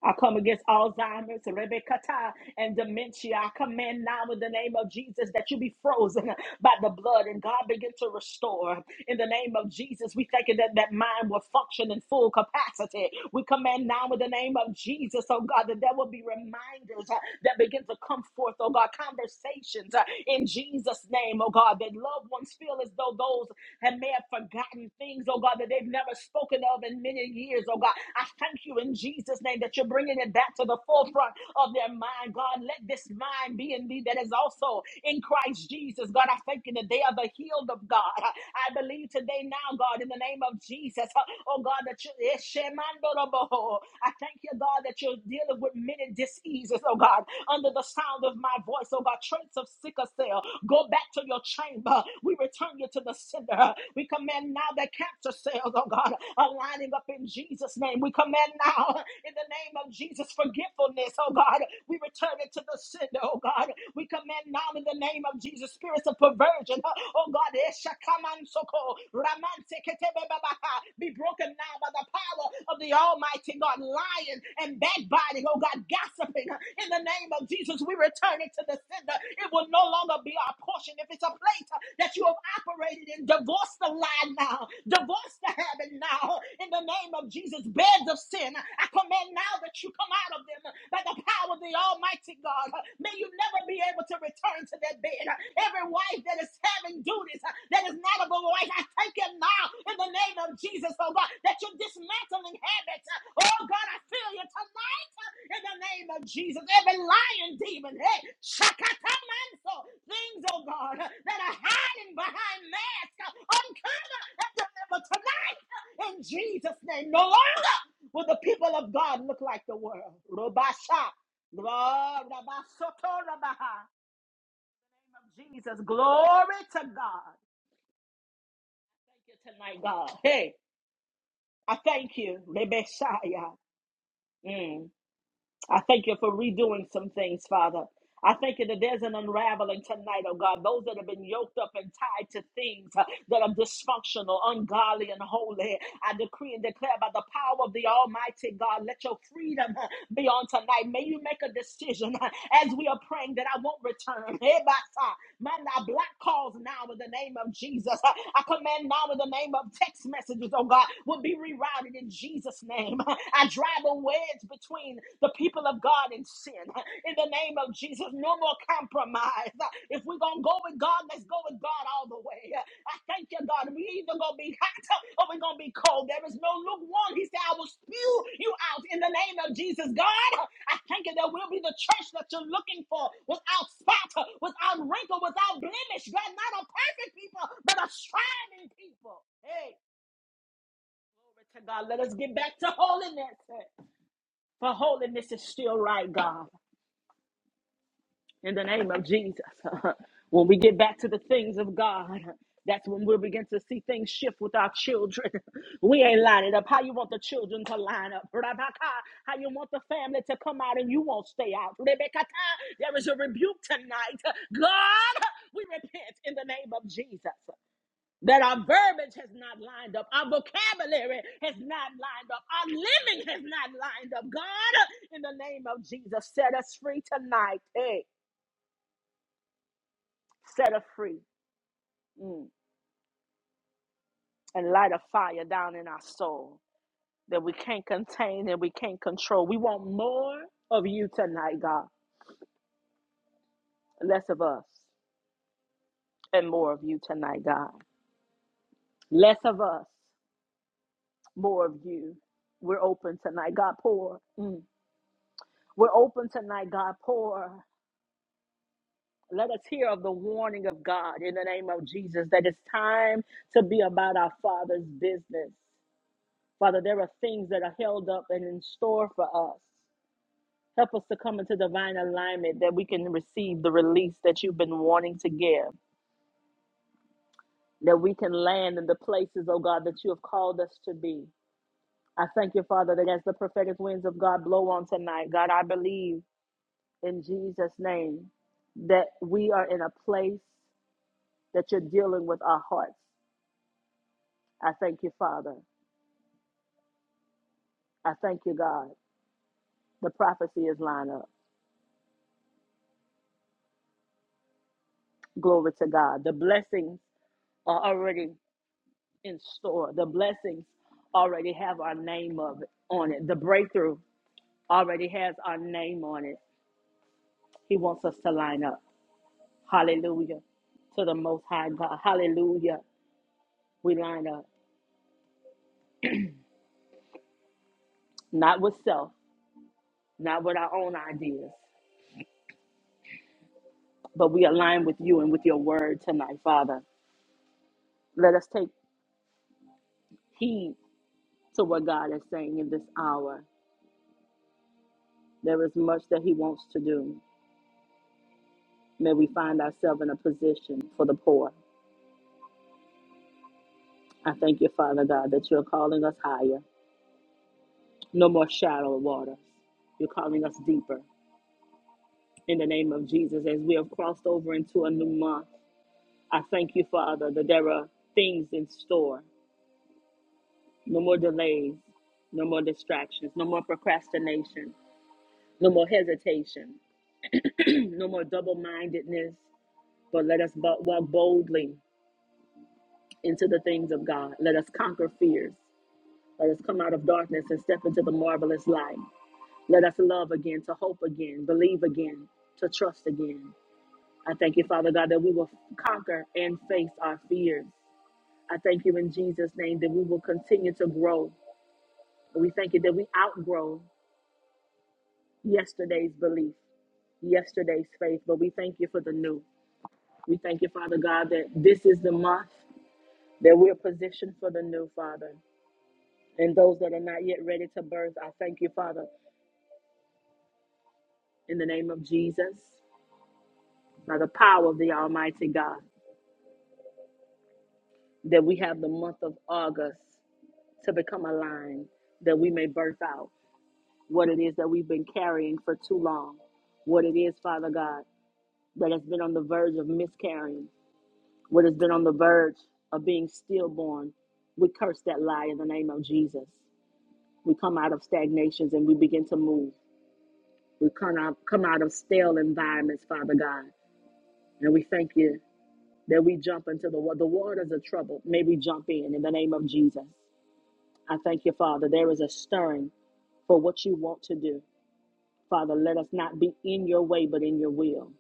I come against Alzheimer's, Rebekata, and dementia. I command now in the name of Jesus that you be frozen by the blood and God begin to restore. In the name of Jesus, we thank you that that mind will function in full capacity. We command now in the name of Jesus, oh God, that there will be reminders uh, that begin to come forth, oh God, conversations uh, in Jesus' name, oh God, that loved ones feel as though those have may have forgotten things, oh God, that they've never spoken of in many years, oh God. I thank you in in Jesus' name that you're bringing it back to the forefront of their mind. God, let this mind be in thee that is also in Christ Jesus. God, I thank you that they are the healed of God. I believe today now, God, in the name of Jesus, oh God, that you, Eshemandoroboho. I thank you, God, that you're dealing with many diseases, oh God, under the sound of my voice, oh God, traits of sickle cell. Go back to your chamber. We return you to the sender. We command now that cancer cells, oh God, are lining up in Jesus' name. Jesus' name. We command now in the name of Jesus forgetfulness, oh God. We return it to the sender, oh God. We command now in the name of Jesus spirits of perversion, oh God. Eshakamansoko, ramanseketebebaba, Be broken now by the power of the Almighty God. Lying and backbiting, oh God, gossiping in the name of Jesus. We return it to the sender. It will no longer be our portion if it's a place that you have operated in. Divorce the lie now, divorce the habit now in the name of Jesus. Beds of sin, I command now that you come out of them by the power of the Almighty God. May you never be able to return to that bed. Every wife that is having duties that is not of a wife, I thank you now in the name of Jesus, oh God, that you're dismantling habits. Oh God, I feel you tonight in the name of Jesus. Every lying demon, hey, shakatamanso, things, oh God, that are hiding behind masks, uncover and deliver tonight in Jesus' name, no longer will the people of God look like the world. Robasha. Glory Rabasoto Rabaha. Name of Jesus. Glory to God. Thank you tonight, God. Hey, I thank you. Rebeshaya. Mm. I thank you for redoing some things, Father. I thank you that there's an unraveling tonight, oh God. Those that have been yoked up and tied to things uh, that are dysfunctional, ungodly, and holy. I decree and declare by the power of the Almighty God, let your freedom uh, be on tonight. May you make a decision uh, as we are praying that I won't return. Man, I block calls now in the name of Jesus. I I command now in the name of text messages, oh God, will be rerouted in Jesus' name. I drive a wedge between the people of God and sin. In the name of Jesus, no more compromise. If we're going to go with God, let's go with God all the way. I thank you, God. We either gonna be hot or we're gonna be cold. There is no lukewarm. He said, I will spew you out in the name of Jesus. God, I thank you. There will be the church that you're looking for without spot, without wrinkle, without blemish. God, not a perfect people, but a striving people. Hey, glory to God. Let us get back to holiness. For holiness is still right, God. in the name of Jesus. when we get back to the things of God, that's when we'll begin to see things shift with our children. we ain't lining up how you want the children to line up. Rabaka, how you want the family to come out and you won't stay out. Rebekata, there is a rebuke tonight. God, we repent in the name of Jesus. That our verbiage has not lined up, our vocabulary has not lined up, our living has not lined up. God, in the name of Jesus, set us free tonight. Hey set us free mm, and light a fire down in our soul that we can't contain and we can't control. We want more of you tonight, God. Less of us and more of you tonight, God. Less of us, more of you. We're open tonight, God. Pour. Mm. We're open tonight, God. Pour. Let us hear of the warning of God in the name of Jesus that it's time to be about our Father's business. Father, there are things that are held up and in store for us. Help us to come into divine alignment that we can receive the release that you've been wanting to give, that we can land in the places, oh God, that you have called us to be. I thank you, Father, that as the prophetic winds of God blow on tonight, God, I believe in Jesus' name that we are in a place that you're dealing with our hearts. I thank you, Father. I thank you, God. The prophecy is lined up. Glory to God. The blessings are already in store. The blessings already have our name of it, on it. The breakthrough already has our name on it. He wants us to line up. Hallelujah. To the most high God. Hallelujah. We line up. Not with self, not with our own ideas, but we align with you and with your word tonight, Father. Let us take heed to what God is saying in this hour. There is much that He wants to do. May we find ourselves in a position for the poor. I thank you, Father God, that you're calling us higher. No more shallow waters. You're calling us deeper. In the name of Jesus, as we have crossed over into a new month, I thank you, Father, that there are things in store. No more delays, no more distractions, no more procrastination, no more hesitation, no more double mindedness. But let us bo- walk boldly into the things of God. Let us conquer fears. Let us come out of darkness and step into the marvelous light. Let us love again, to hope again, believe again, to trust again. I thank you, Father God, that we will conquer and face our fears. I thank you in Jesus' name that we will continue to grow. We thank you that we outgrow yesterday's belief, yesterday's faith, but we thank you for the new. We thank you, Father God, that this is the month that we're positioned for the new, Father. And those that are not yet ready to birth, I thank you, Father, in the name of Jesus, by the power of the Almighty God. that we have the month of August to become aligned, that we may birth out what it is that we've been carrying for too long, what it is, Father God, that has been on the verge of miscarrying, what has been on the verge of being stillborn. We curse that lie in the name of Jesus. We come out of stagnations and we begin to move. We come out, come out of stale environments, Father God, and we thank you that we jump into the wa- the waters of trouble. May we jump in in the name of Jesus. I thank you, Father. There is a stirring for what you want to do. Father, let us not be in your way, but in your will.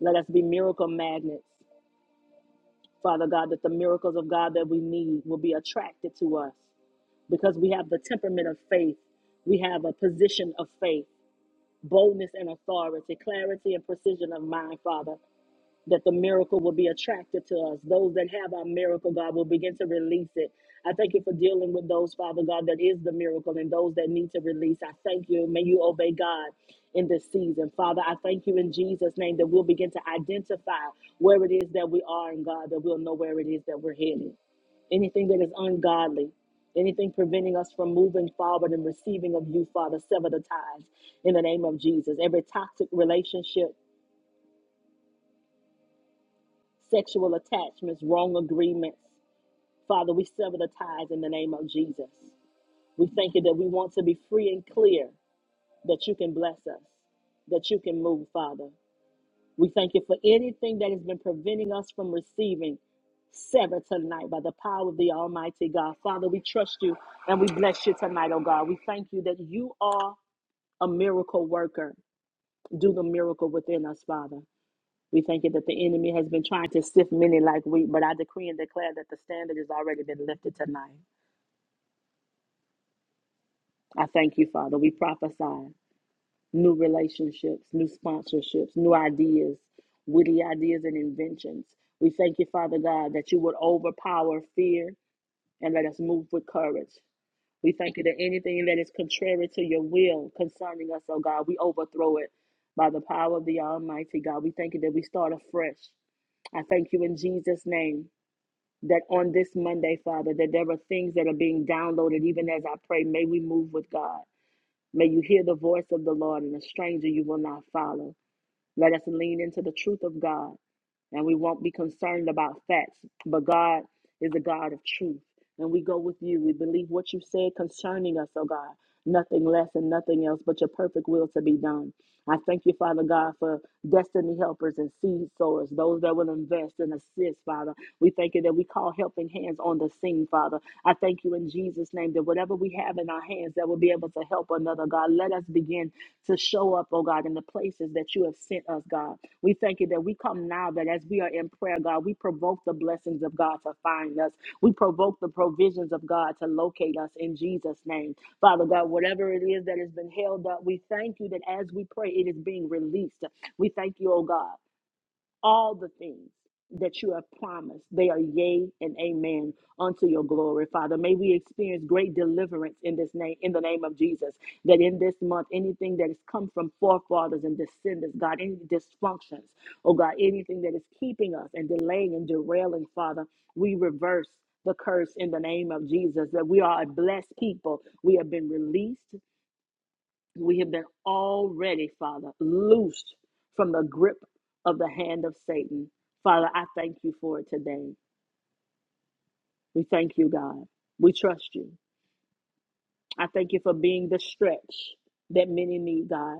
Let us be miracle magnets. Father God, that the miracles of God that we need will be attracted to us because we have the temperament of faith. We have a position of faith, boldness and authority, clarity and precision of mind, Father. that the miracle will be attracted to us. Those that have our miracle, God, will begin to release it. I thank you for dealing with those, Father God, that is the miracle and those that need to release. I thank you. May you obey God in this season. Father, I thank you in Jesus' name that we'll begin to identify where it is that we are in God, that we'll know where it is that we're headed. Anything that is ungodly, anything preventing us from moving forward and receiving of you, Father, sever the ties in the name of Jesus. Every toxic relationship, sexual attachments, wrong agreements. Father, we sever the ties in the name of Jesus. We thank you that we want to be free and clear, that you can bless us, that you can move, Father. We thank you for anything that has been preventing us from receiving. Sever tonight by the power of the Almighty God. Father, we trust you and we bless you tonight, oh God. We thank you that you are a miracle worker. Do the miracle within us, Father. We thank you that the enemy has been trying to sift many like wheat, but I decree and declare that the standard has already been lifted tonight. I thank you, Father. We prophesy new relationships, new sponsorships, new ideas, witty ideas and inventions. We thank you, Father God, that you would overpower fear and let us move with courage. We thank you that anything that is contrary to your will concerning us, oh God, we overthrow it by the power of the Almighty God. We thank you that we start afresh. I thank you in Jesus' name that on this Monday, Father, that there are things that are being downloaded even as I pray. May we move with God. May you hear the voice of the Lord and a stranger you will not follow. Let us lean into the truth of God and we won't be concerned about facts. But God is a God of truth, and we go with you. We believe what you said concerning us, oh God. Nothing less and nothing else but your perfect will to be done. I thank you, Father God, for destiny helpers and seed sowers, those that will invest and assist, Father. We thank you that we call helping hands on the scene, Father. I thank you in Jesus' name that whatever we have in our hands that will be able to help another, God, let us begin to show up, oh God, in the places that you have have sent us, God. We thank you that we come now that as we are in prayer, God, we provoke the blessings of God to find us. We provoke the provisions of God to locate us in Jesus' name. Father God, whatever it is that has been held up, we thank you that as we pray, it is being released. We thank you, oh God all the things that you have promised. They are yea and amen unto your glory, Father. May we experience great deliverance in this name, in the name of Jesus. That in this month, anything that has come from forefathers and descendants, God, any dysfunctions, oh God, anything that is keeping us and delaying and derailing, Father, we reverse the curse in the name of Jesus, that we are a blessed people. We have been released. We have been already, Father, loosed from the grip of the hand of Satan. Father, I thank you for it today. We thank you, God. We trust you. I thank you for being the stretch that many need, God.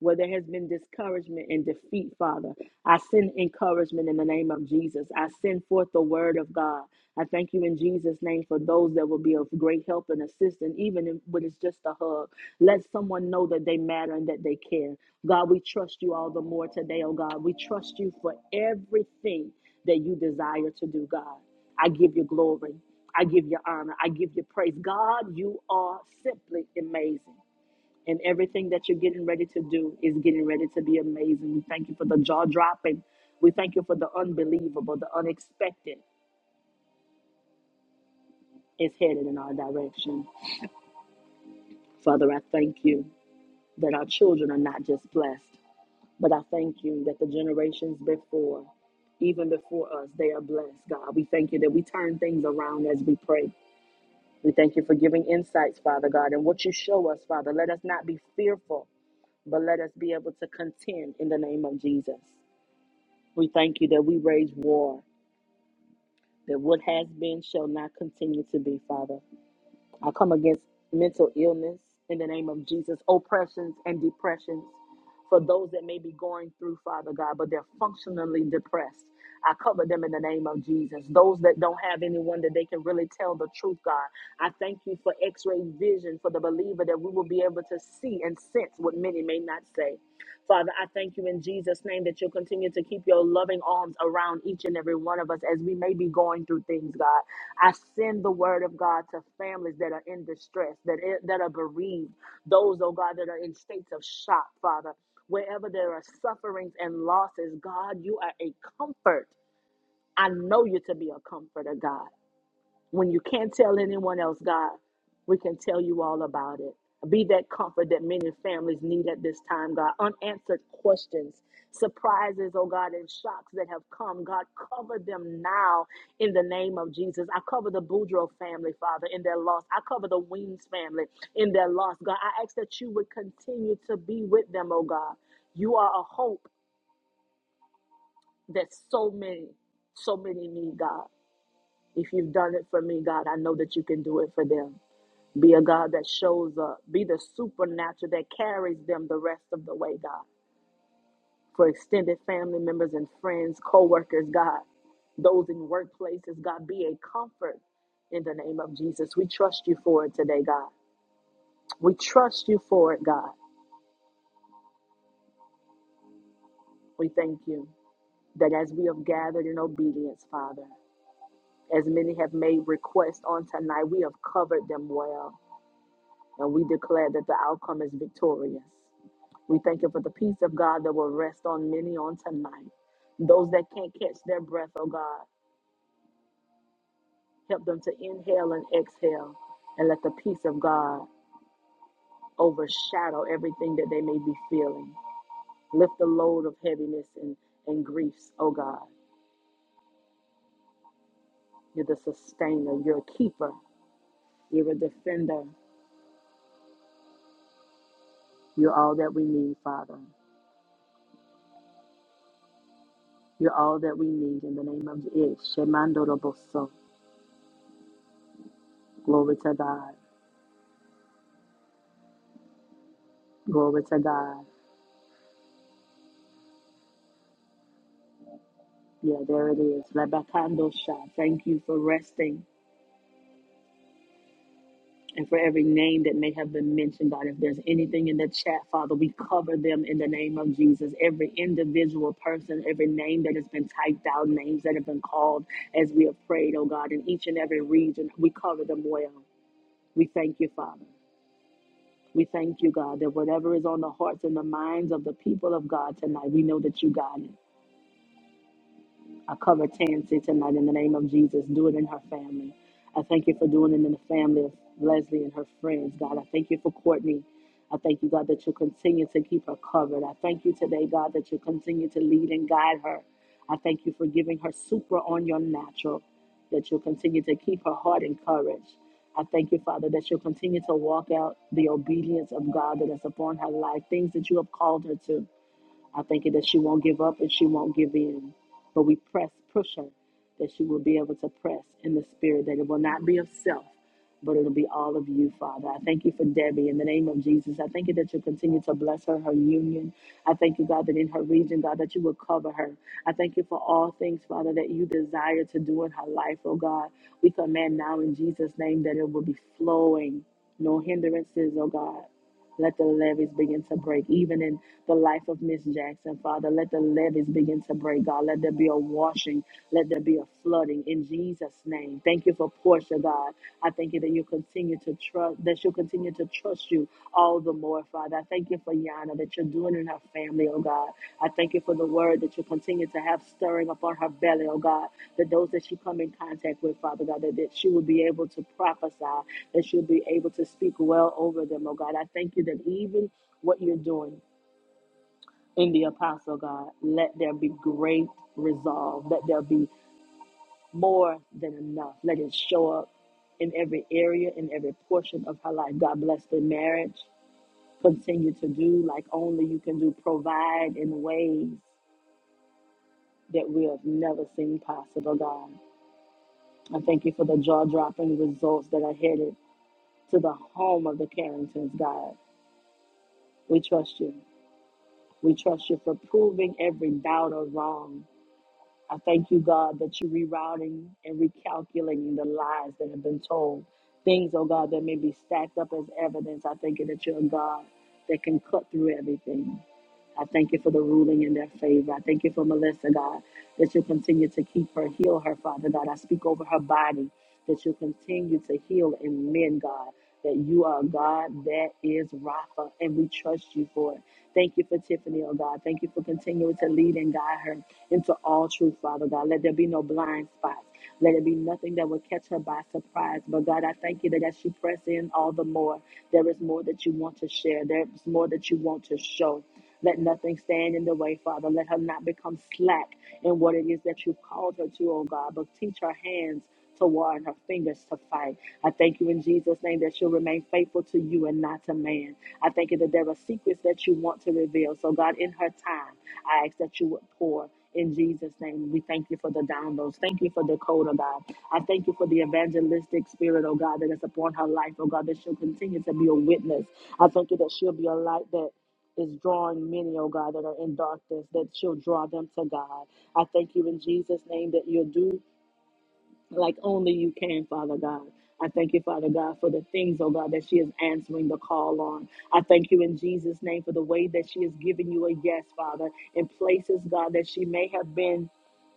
where there has been discouragement and defeat, Father. I send encouragement in the name of Jesus. I send forth the word of God. I thank you in Jesus' name for those that will be of great help and assistance, even if- when it's just a hug. Let someone know that they matter and that they care. God, we trust you all the more today, oh God. We trust you for everything that you desire to do, God. I give you glory. I give you honor. I give you praise. God, you are simply amazing and everything that you're getting ready to do is getting ready to be amazing. We thank you for the jaw dropping. We thank you for the unbelievable, the unexpected is headed in our direction. Father, I thank you that our children are not just blessed, but I thank you that the generations before, even before us, they are blessed, God. We thank you that we turn things around as we pray. We thank you for giving insights, Father God, and what you show us, Father. Let us not be fearful, but let us be able to contend in the name of Jesus. We thank you that we raise war, that what has been shall not continue to be, Father. I come against mental illness in the name of Jesus, oppressions and depressions for those that may be going through, Father God, but they're functionally depressed. I cover them in the name of Jesus. Those that don't have anyone that they can really tell the truth, God. I thank you for x ray vision for the believer that we will be able to see and sense what many may not say. Father, I thank you in Jesus' name that you'll continue to keep your loving arms around each and every one of us as we may be going through things, God. I send the word of God to families that are in distress, that, that are bereaved, those, oh God, that are in states of shock, Father. Wherever there are sufferings and losses, God, you are a comfort. I know you to be a comforter, God. When you can't tell anyone else, God, we can tell you all about it. Be that comfort that many families need at this time, God. Unanswered questions, surprises, oh God, and shocks that have come, God, cover them now in the name of Jesus. I cover the Boudreaux family, Father, in their loss. I cover the Weems family in their loss, God. I ask that you would continue to be with them, oh God. You are a hope that so many, so many need, God. If you've done it for me, God, I know that you can do it for them. Be a God that shows up. Be the supernatural that carries them the rest of the way, God. For extended family members and friends, co workers, God, those in workplaces, God, be a comfort in the name of Jesus. We trust you for it today, God. We trust you for it, God. We thank you that as we have gathered in obedience, Father, as many have made requests on tonight, we have covered them well. And we declare that the outcome is victorious. We thank you for the peace of God that will rest on many on tonight. Those that can't catch their breath, oh God, help them to inhale and exhale and let the peace of God overshadow everything that they may be feeling. Lift the load of heaviness and, and griefs, oh God. You're the sustainer, you're a keeper, you're a defender, you're all that we need, Father. You're all that we need in the name of it. Shemandoroboso. Glory to God. Glory to God. Yeah, there it is. Rabakando Shah. Thank you for resting and for every name that may have been mentioned, God. If there's anything in the chat, Father, we cover them in the name of Jesus. Every individual person, every name that has been typed out, names that have been called as we have prayed, oh God, in each and every region, we cover them well. We thank you, Father. We thank you, God, that whatever is on the hearts and the minds of the people of God tonight, we know that you got it. I cover Tansy tonight in the name of Jesus. Do it in her family. I thank you for doing it in the family of Leslie and her friends, God. I thank you for Courtney. I thank you, God, that you continue to keep her covered. I thank you today, God, that you continue to lead and guide her. I thank you for giving her super on your natural, that you'll continue to keep her heart encouraged. I thank you, Father, that she'll continue to walk out the obedience of God that is upon her life, things that you have called her to. I thank you that she won't give up and she won't give in. But we press, push her, that she will be able to press in the spirit, that it will not be of self, but it'll be all of you, Father. I thank you for Debbie in the name of Jesus. I thank you that you will continue to bless her, her union. I thank you, God, that in her region, God, that you will cover her. I thank you for all things, Father, that you desire to do in her life, oh God. We command now in Jesus' name that it will be flowing, no hindrances, oh God. Let the levees begin to break, even in the life of Miss Jackson, Father. Let the levees begin to break, God. Let there be a washing. Let there be a flooding in Jesus' name. Thank you for Portia, God. I thank you that you continue to trust, that she'll continue to trust you all the more, Father. I thank you for Yana, that you're doing in her family, oh God. I thank you for the word that you continue to have stirring upon her belly, oh God. That those that she come in contact with, Father God, that, that she will be able to prophesy that you'll be able to speak well over them, oh God. I thank you that even what you're doing in the apostle, God, let there be great resolve, let there be more than enough, let it show up in every area, in every portion of her life. God bless the marriage. Continue to do like only you can do, provide in ways that we have never seen possible, God. I thank you for the jaw dropping results that are headed to the home of the Carringtons, God. We trust you. We trust you for proving every doubt or wrong. I thank you, God, that you're rerouting and recalculating the lies that have been told. Things, oh God, that may be stacked up as evidence. I thank you that you're a God that can cut through everything. I thank you for the ruling in their favor. I thank you for Melissa, God, that you'll continue to keep her, heal her, Father God. I speak over her body that you'll continue to heal and mend, God, that you are a God that is Rapha, and we trust you for it. Thank you for Tiffany, oh God. Thank you for continuing to lead and guide her into all truth, Father God. Let there be no blind spots. Let it be nothing that will catch her by surprise. But God, I thank you that as she press in all the more, there is more that you want to share. There is more that you want to show. Let nothing stand in the way, Father. Let her not become slack in what it is that you called her to, oh God, but teach her hands to war and her fingers to fight. I thank you in Jesus' name that she'll remain faithful to you and not to man. I thank you that there are secrets that you want to reveal. So, God, in her time, I ask that you would pour in Jesus' name. We thank you for the downloads. Thank you for the code, oh God. I thank you for the evangelistic spirit, oh God, that is upon her life, oh God, that she'll continue to be a witness. I thank you that she'll be a light that is drawing many, oh God, that are in darkness, that she'll draw them to God. I thank you in Jesus' name that you'll do like only you can, Father God. I thank you, Father God, for the things, oh God, that she is answering the call on. I thank you in Jesus' name for the way that she is giving you a yes, Father, in places, God, that she may have been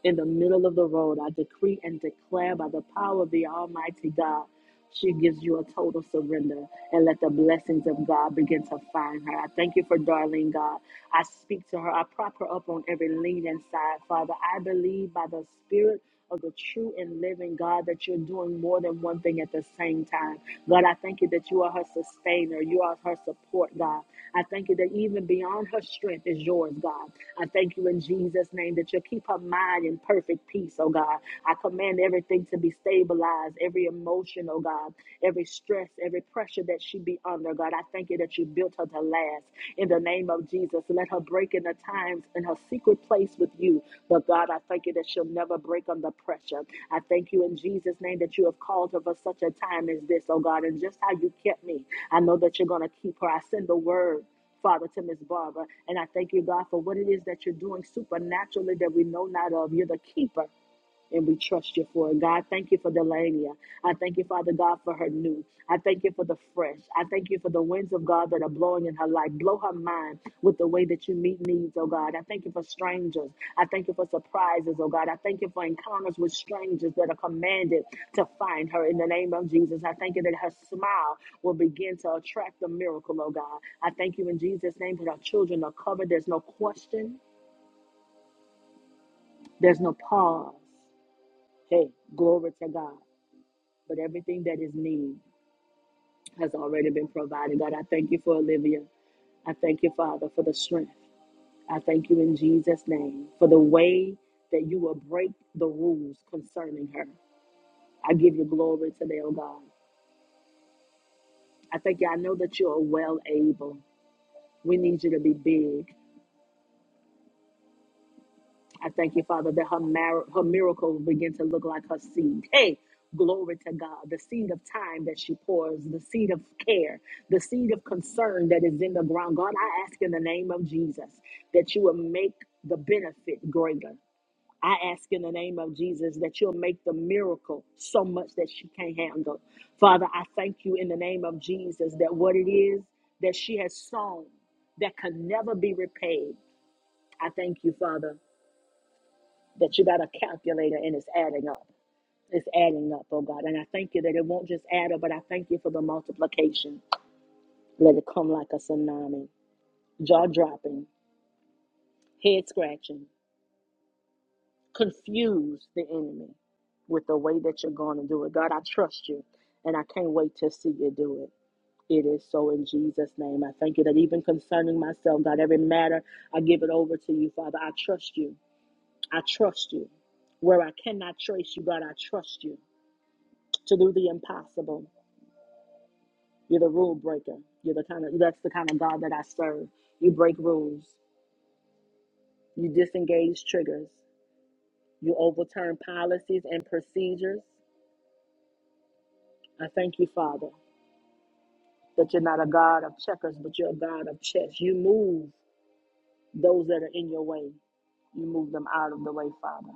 in the middle of the road. I decree and declare by the power of the Almighty God. She gives you a total surrender and let the blessings of God begin to find her. I thank you for darling God. I speak to her. I prop her up on every lean and side, Father. I believe by the Spirit of the true and living God, that you're doing more than one thing at the same time. God, I thank you that you are her sustainer. You are her support, God. I thank you that even beyond her strength is yours, God. I thank you in Jesus' name that you'll keep her mind in perfect peace, oh God. I command everything to be stabilized, every emotion, oh God, every stress, every pressure that she be under, God. I thank you that you you built her to last. In the name of Jesus, let her break in the times in her secret place with you. But God, I thank you that she'll never break under pressure. I thank you in Jesus' name that you have called her for such a time as this, oh God, and just how you kept me. I know that you're going to keep her. I send the word. Father, to Miss Barbara. And I thank you, God, for what it is that you're doing supernaturally that we know not of. You're the keeper and we trust you for it. God, thank you for Delania. I thank you, Father God, for her new. I thank you for the fresh. I thank you for the winds of God that are blowing in her life. Blow her mind with the way that you meet needs, oh God. I thank you for strangers. I thank you for surprises, oh God. I thank you for encounters with strangers that are commanded to find her in the name of Jesus. I thank you that her smile will begin to attract the miracle, oh God. I thank you in Jesus' name that our children are covered. There's no question, there's no pause. Hey, glory to God. but everything that is needed has already been provided. God, I thank you for Olivia. I thank you, Father, for the strength. I thank you in Jesus' name for the way that you will break the rules concerning her. I give you glory today, oh God. I thank you. I know that you are well able. We need you to be big. I thank you, Father, that her, mar- her miracle will begin to look like her seed. Hey, glory to God. The seed of time that she pours, the seed of care, the seed of concern that is in the ground. God, I ask in the name of Jesus that you will make the benefit greater. I ask in the name of Jesus that you'll make the miracle so much that she can't handle. Father, I thank you in the name of Jesus that what it is that she has sown that can never be repaid. I thank you, Father that you got a calculator and it's adding up. It's adding up, oh God. And I thank you that it won't just add up, but I thank you for the multiplication. Let it come like a tsunami, jaw dropping, head scratching, confuse the enemy with the way that you're going to do it. God, I trust you, and I can't wait to see you do it. It is so in Jesus' name. I thank you that even concerning myself, God, every matter, I give it over to you, Father. I trust you. I trust you. Where I cannot trace you, God, I trust you. to do the impossible. You're the rule breaker. You're the kind of that's the kind of God that I serve. You break rules. You disengage triggers. You overturn policies and procedures. I thank you, Father, that you're not a God of checkers, but you're a God of chess. You move those that are in your way. You move them out of the way, Father.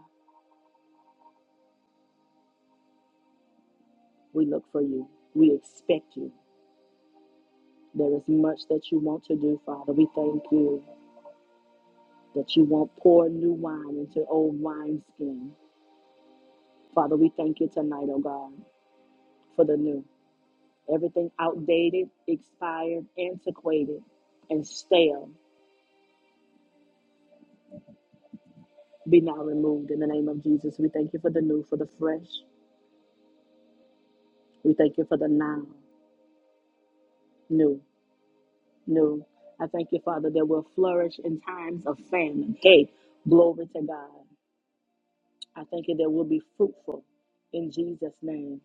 We look for you. We expect you. There is much that you want to do, Father. We thank you that you won't pour new wine into old wineskins Father, we thank you tonight, oh God, for the new. Everything outdated, expired, antiquated, and stale be now removed in the name of Jesus. We thank you for the new, for the fresh. We thank you for the now, new, new. I thank you, Father, that we'll flourish in times of famine. Hey, glory to God. I thank you that we'll be fruitful in Jesus' name.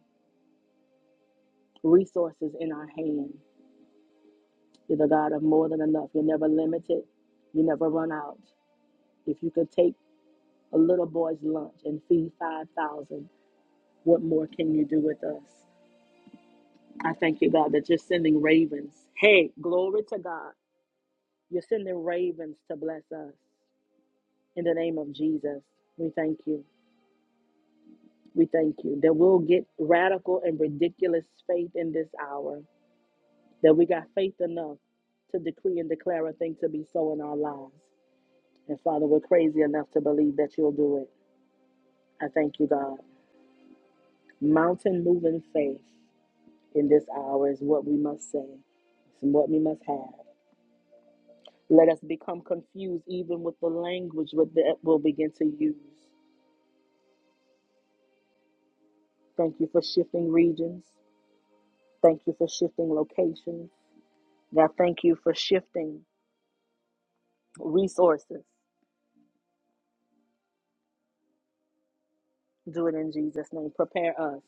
Resources in our hand. You're the God of more than enough. You're never limited. You never run out. If you could take a little boy's lunch and feed 5,000. What more can you do with us? I thank you, God, that you're sending ravens. Hey, glory to God. You're sending ravens to bless us. In the name of Jesus, we thank you. We thank you that we'll get radical and ridiculous faith in this hour, that we got faith enough to decree and declare a thing to be so in our lives. And Father, we're crazy enough to believe that you'll do it. I thank you, God. Mountain moving faith. in this hour is what we must say and what we must have. Let us become confused even with the language that we'll begin to use. Thank you for shifting regions. Thank you for shifting locations. God, thank you for shifting resources. Do it in Jesus' name. Prepare us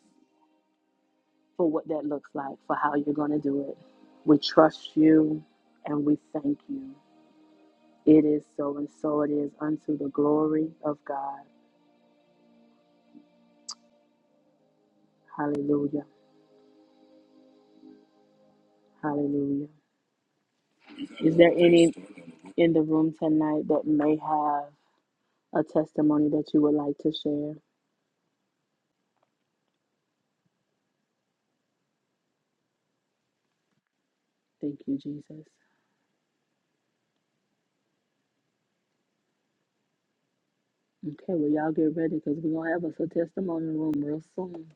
for what that looks like, for how you're going to do it. We trust you and we thank you. It is so, and so it is unto the glory of God. Hallelujah. Hallelujah. Is there any in the room tonight that may have a testimony that you would like to share? Thank you, Jesus. Okay, well, y'all get ready because we're going to have us a testimony room real soon.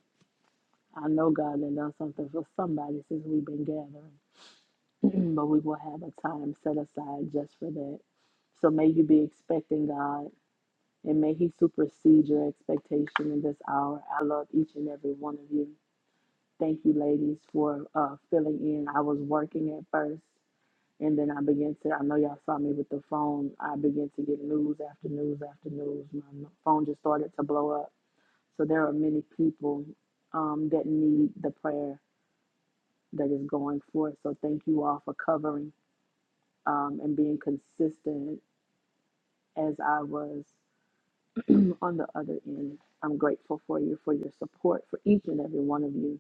I know God has done something for somebody since we've been gathering, but we will have a time set aside just for that. So may you be expecting God and may He supersede your expectation in this hour. I love each and every one of you. Thank you, ladies, for uh, filling in. I was working at first, and then I began to. I know y'all saw me with the phone. I began to get news after news after news. My phone just started to blow up. So there are many people um, that need the prayer that is going forth. So thank you all for covering um, and being consistent as I was on the other end. I'm grateful for you for your support for each and every one of you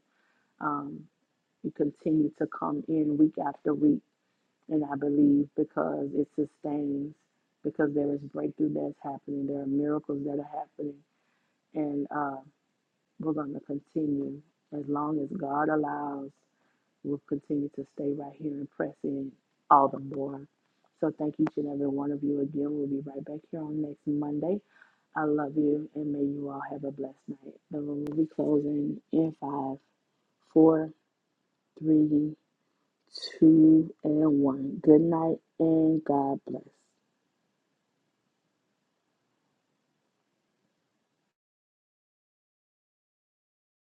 Um, you continue to come in week after week, and I believe because it sustains, because there is breakthrough that's happening, there are miracles that are happening, and uh, we're going to continue as long as God allows. We'll continue to stay right here and press in all the more. So thank each and every one of you again. We'll be right back here on next Monday. I love you, and may you all have a blessed night. The room will be closing in five, four three, two, and one. Good night and God bless.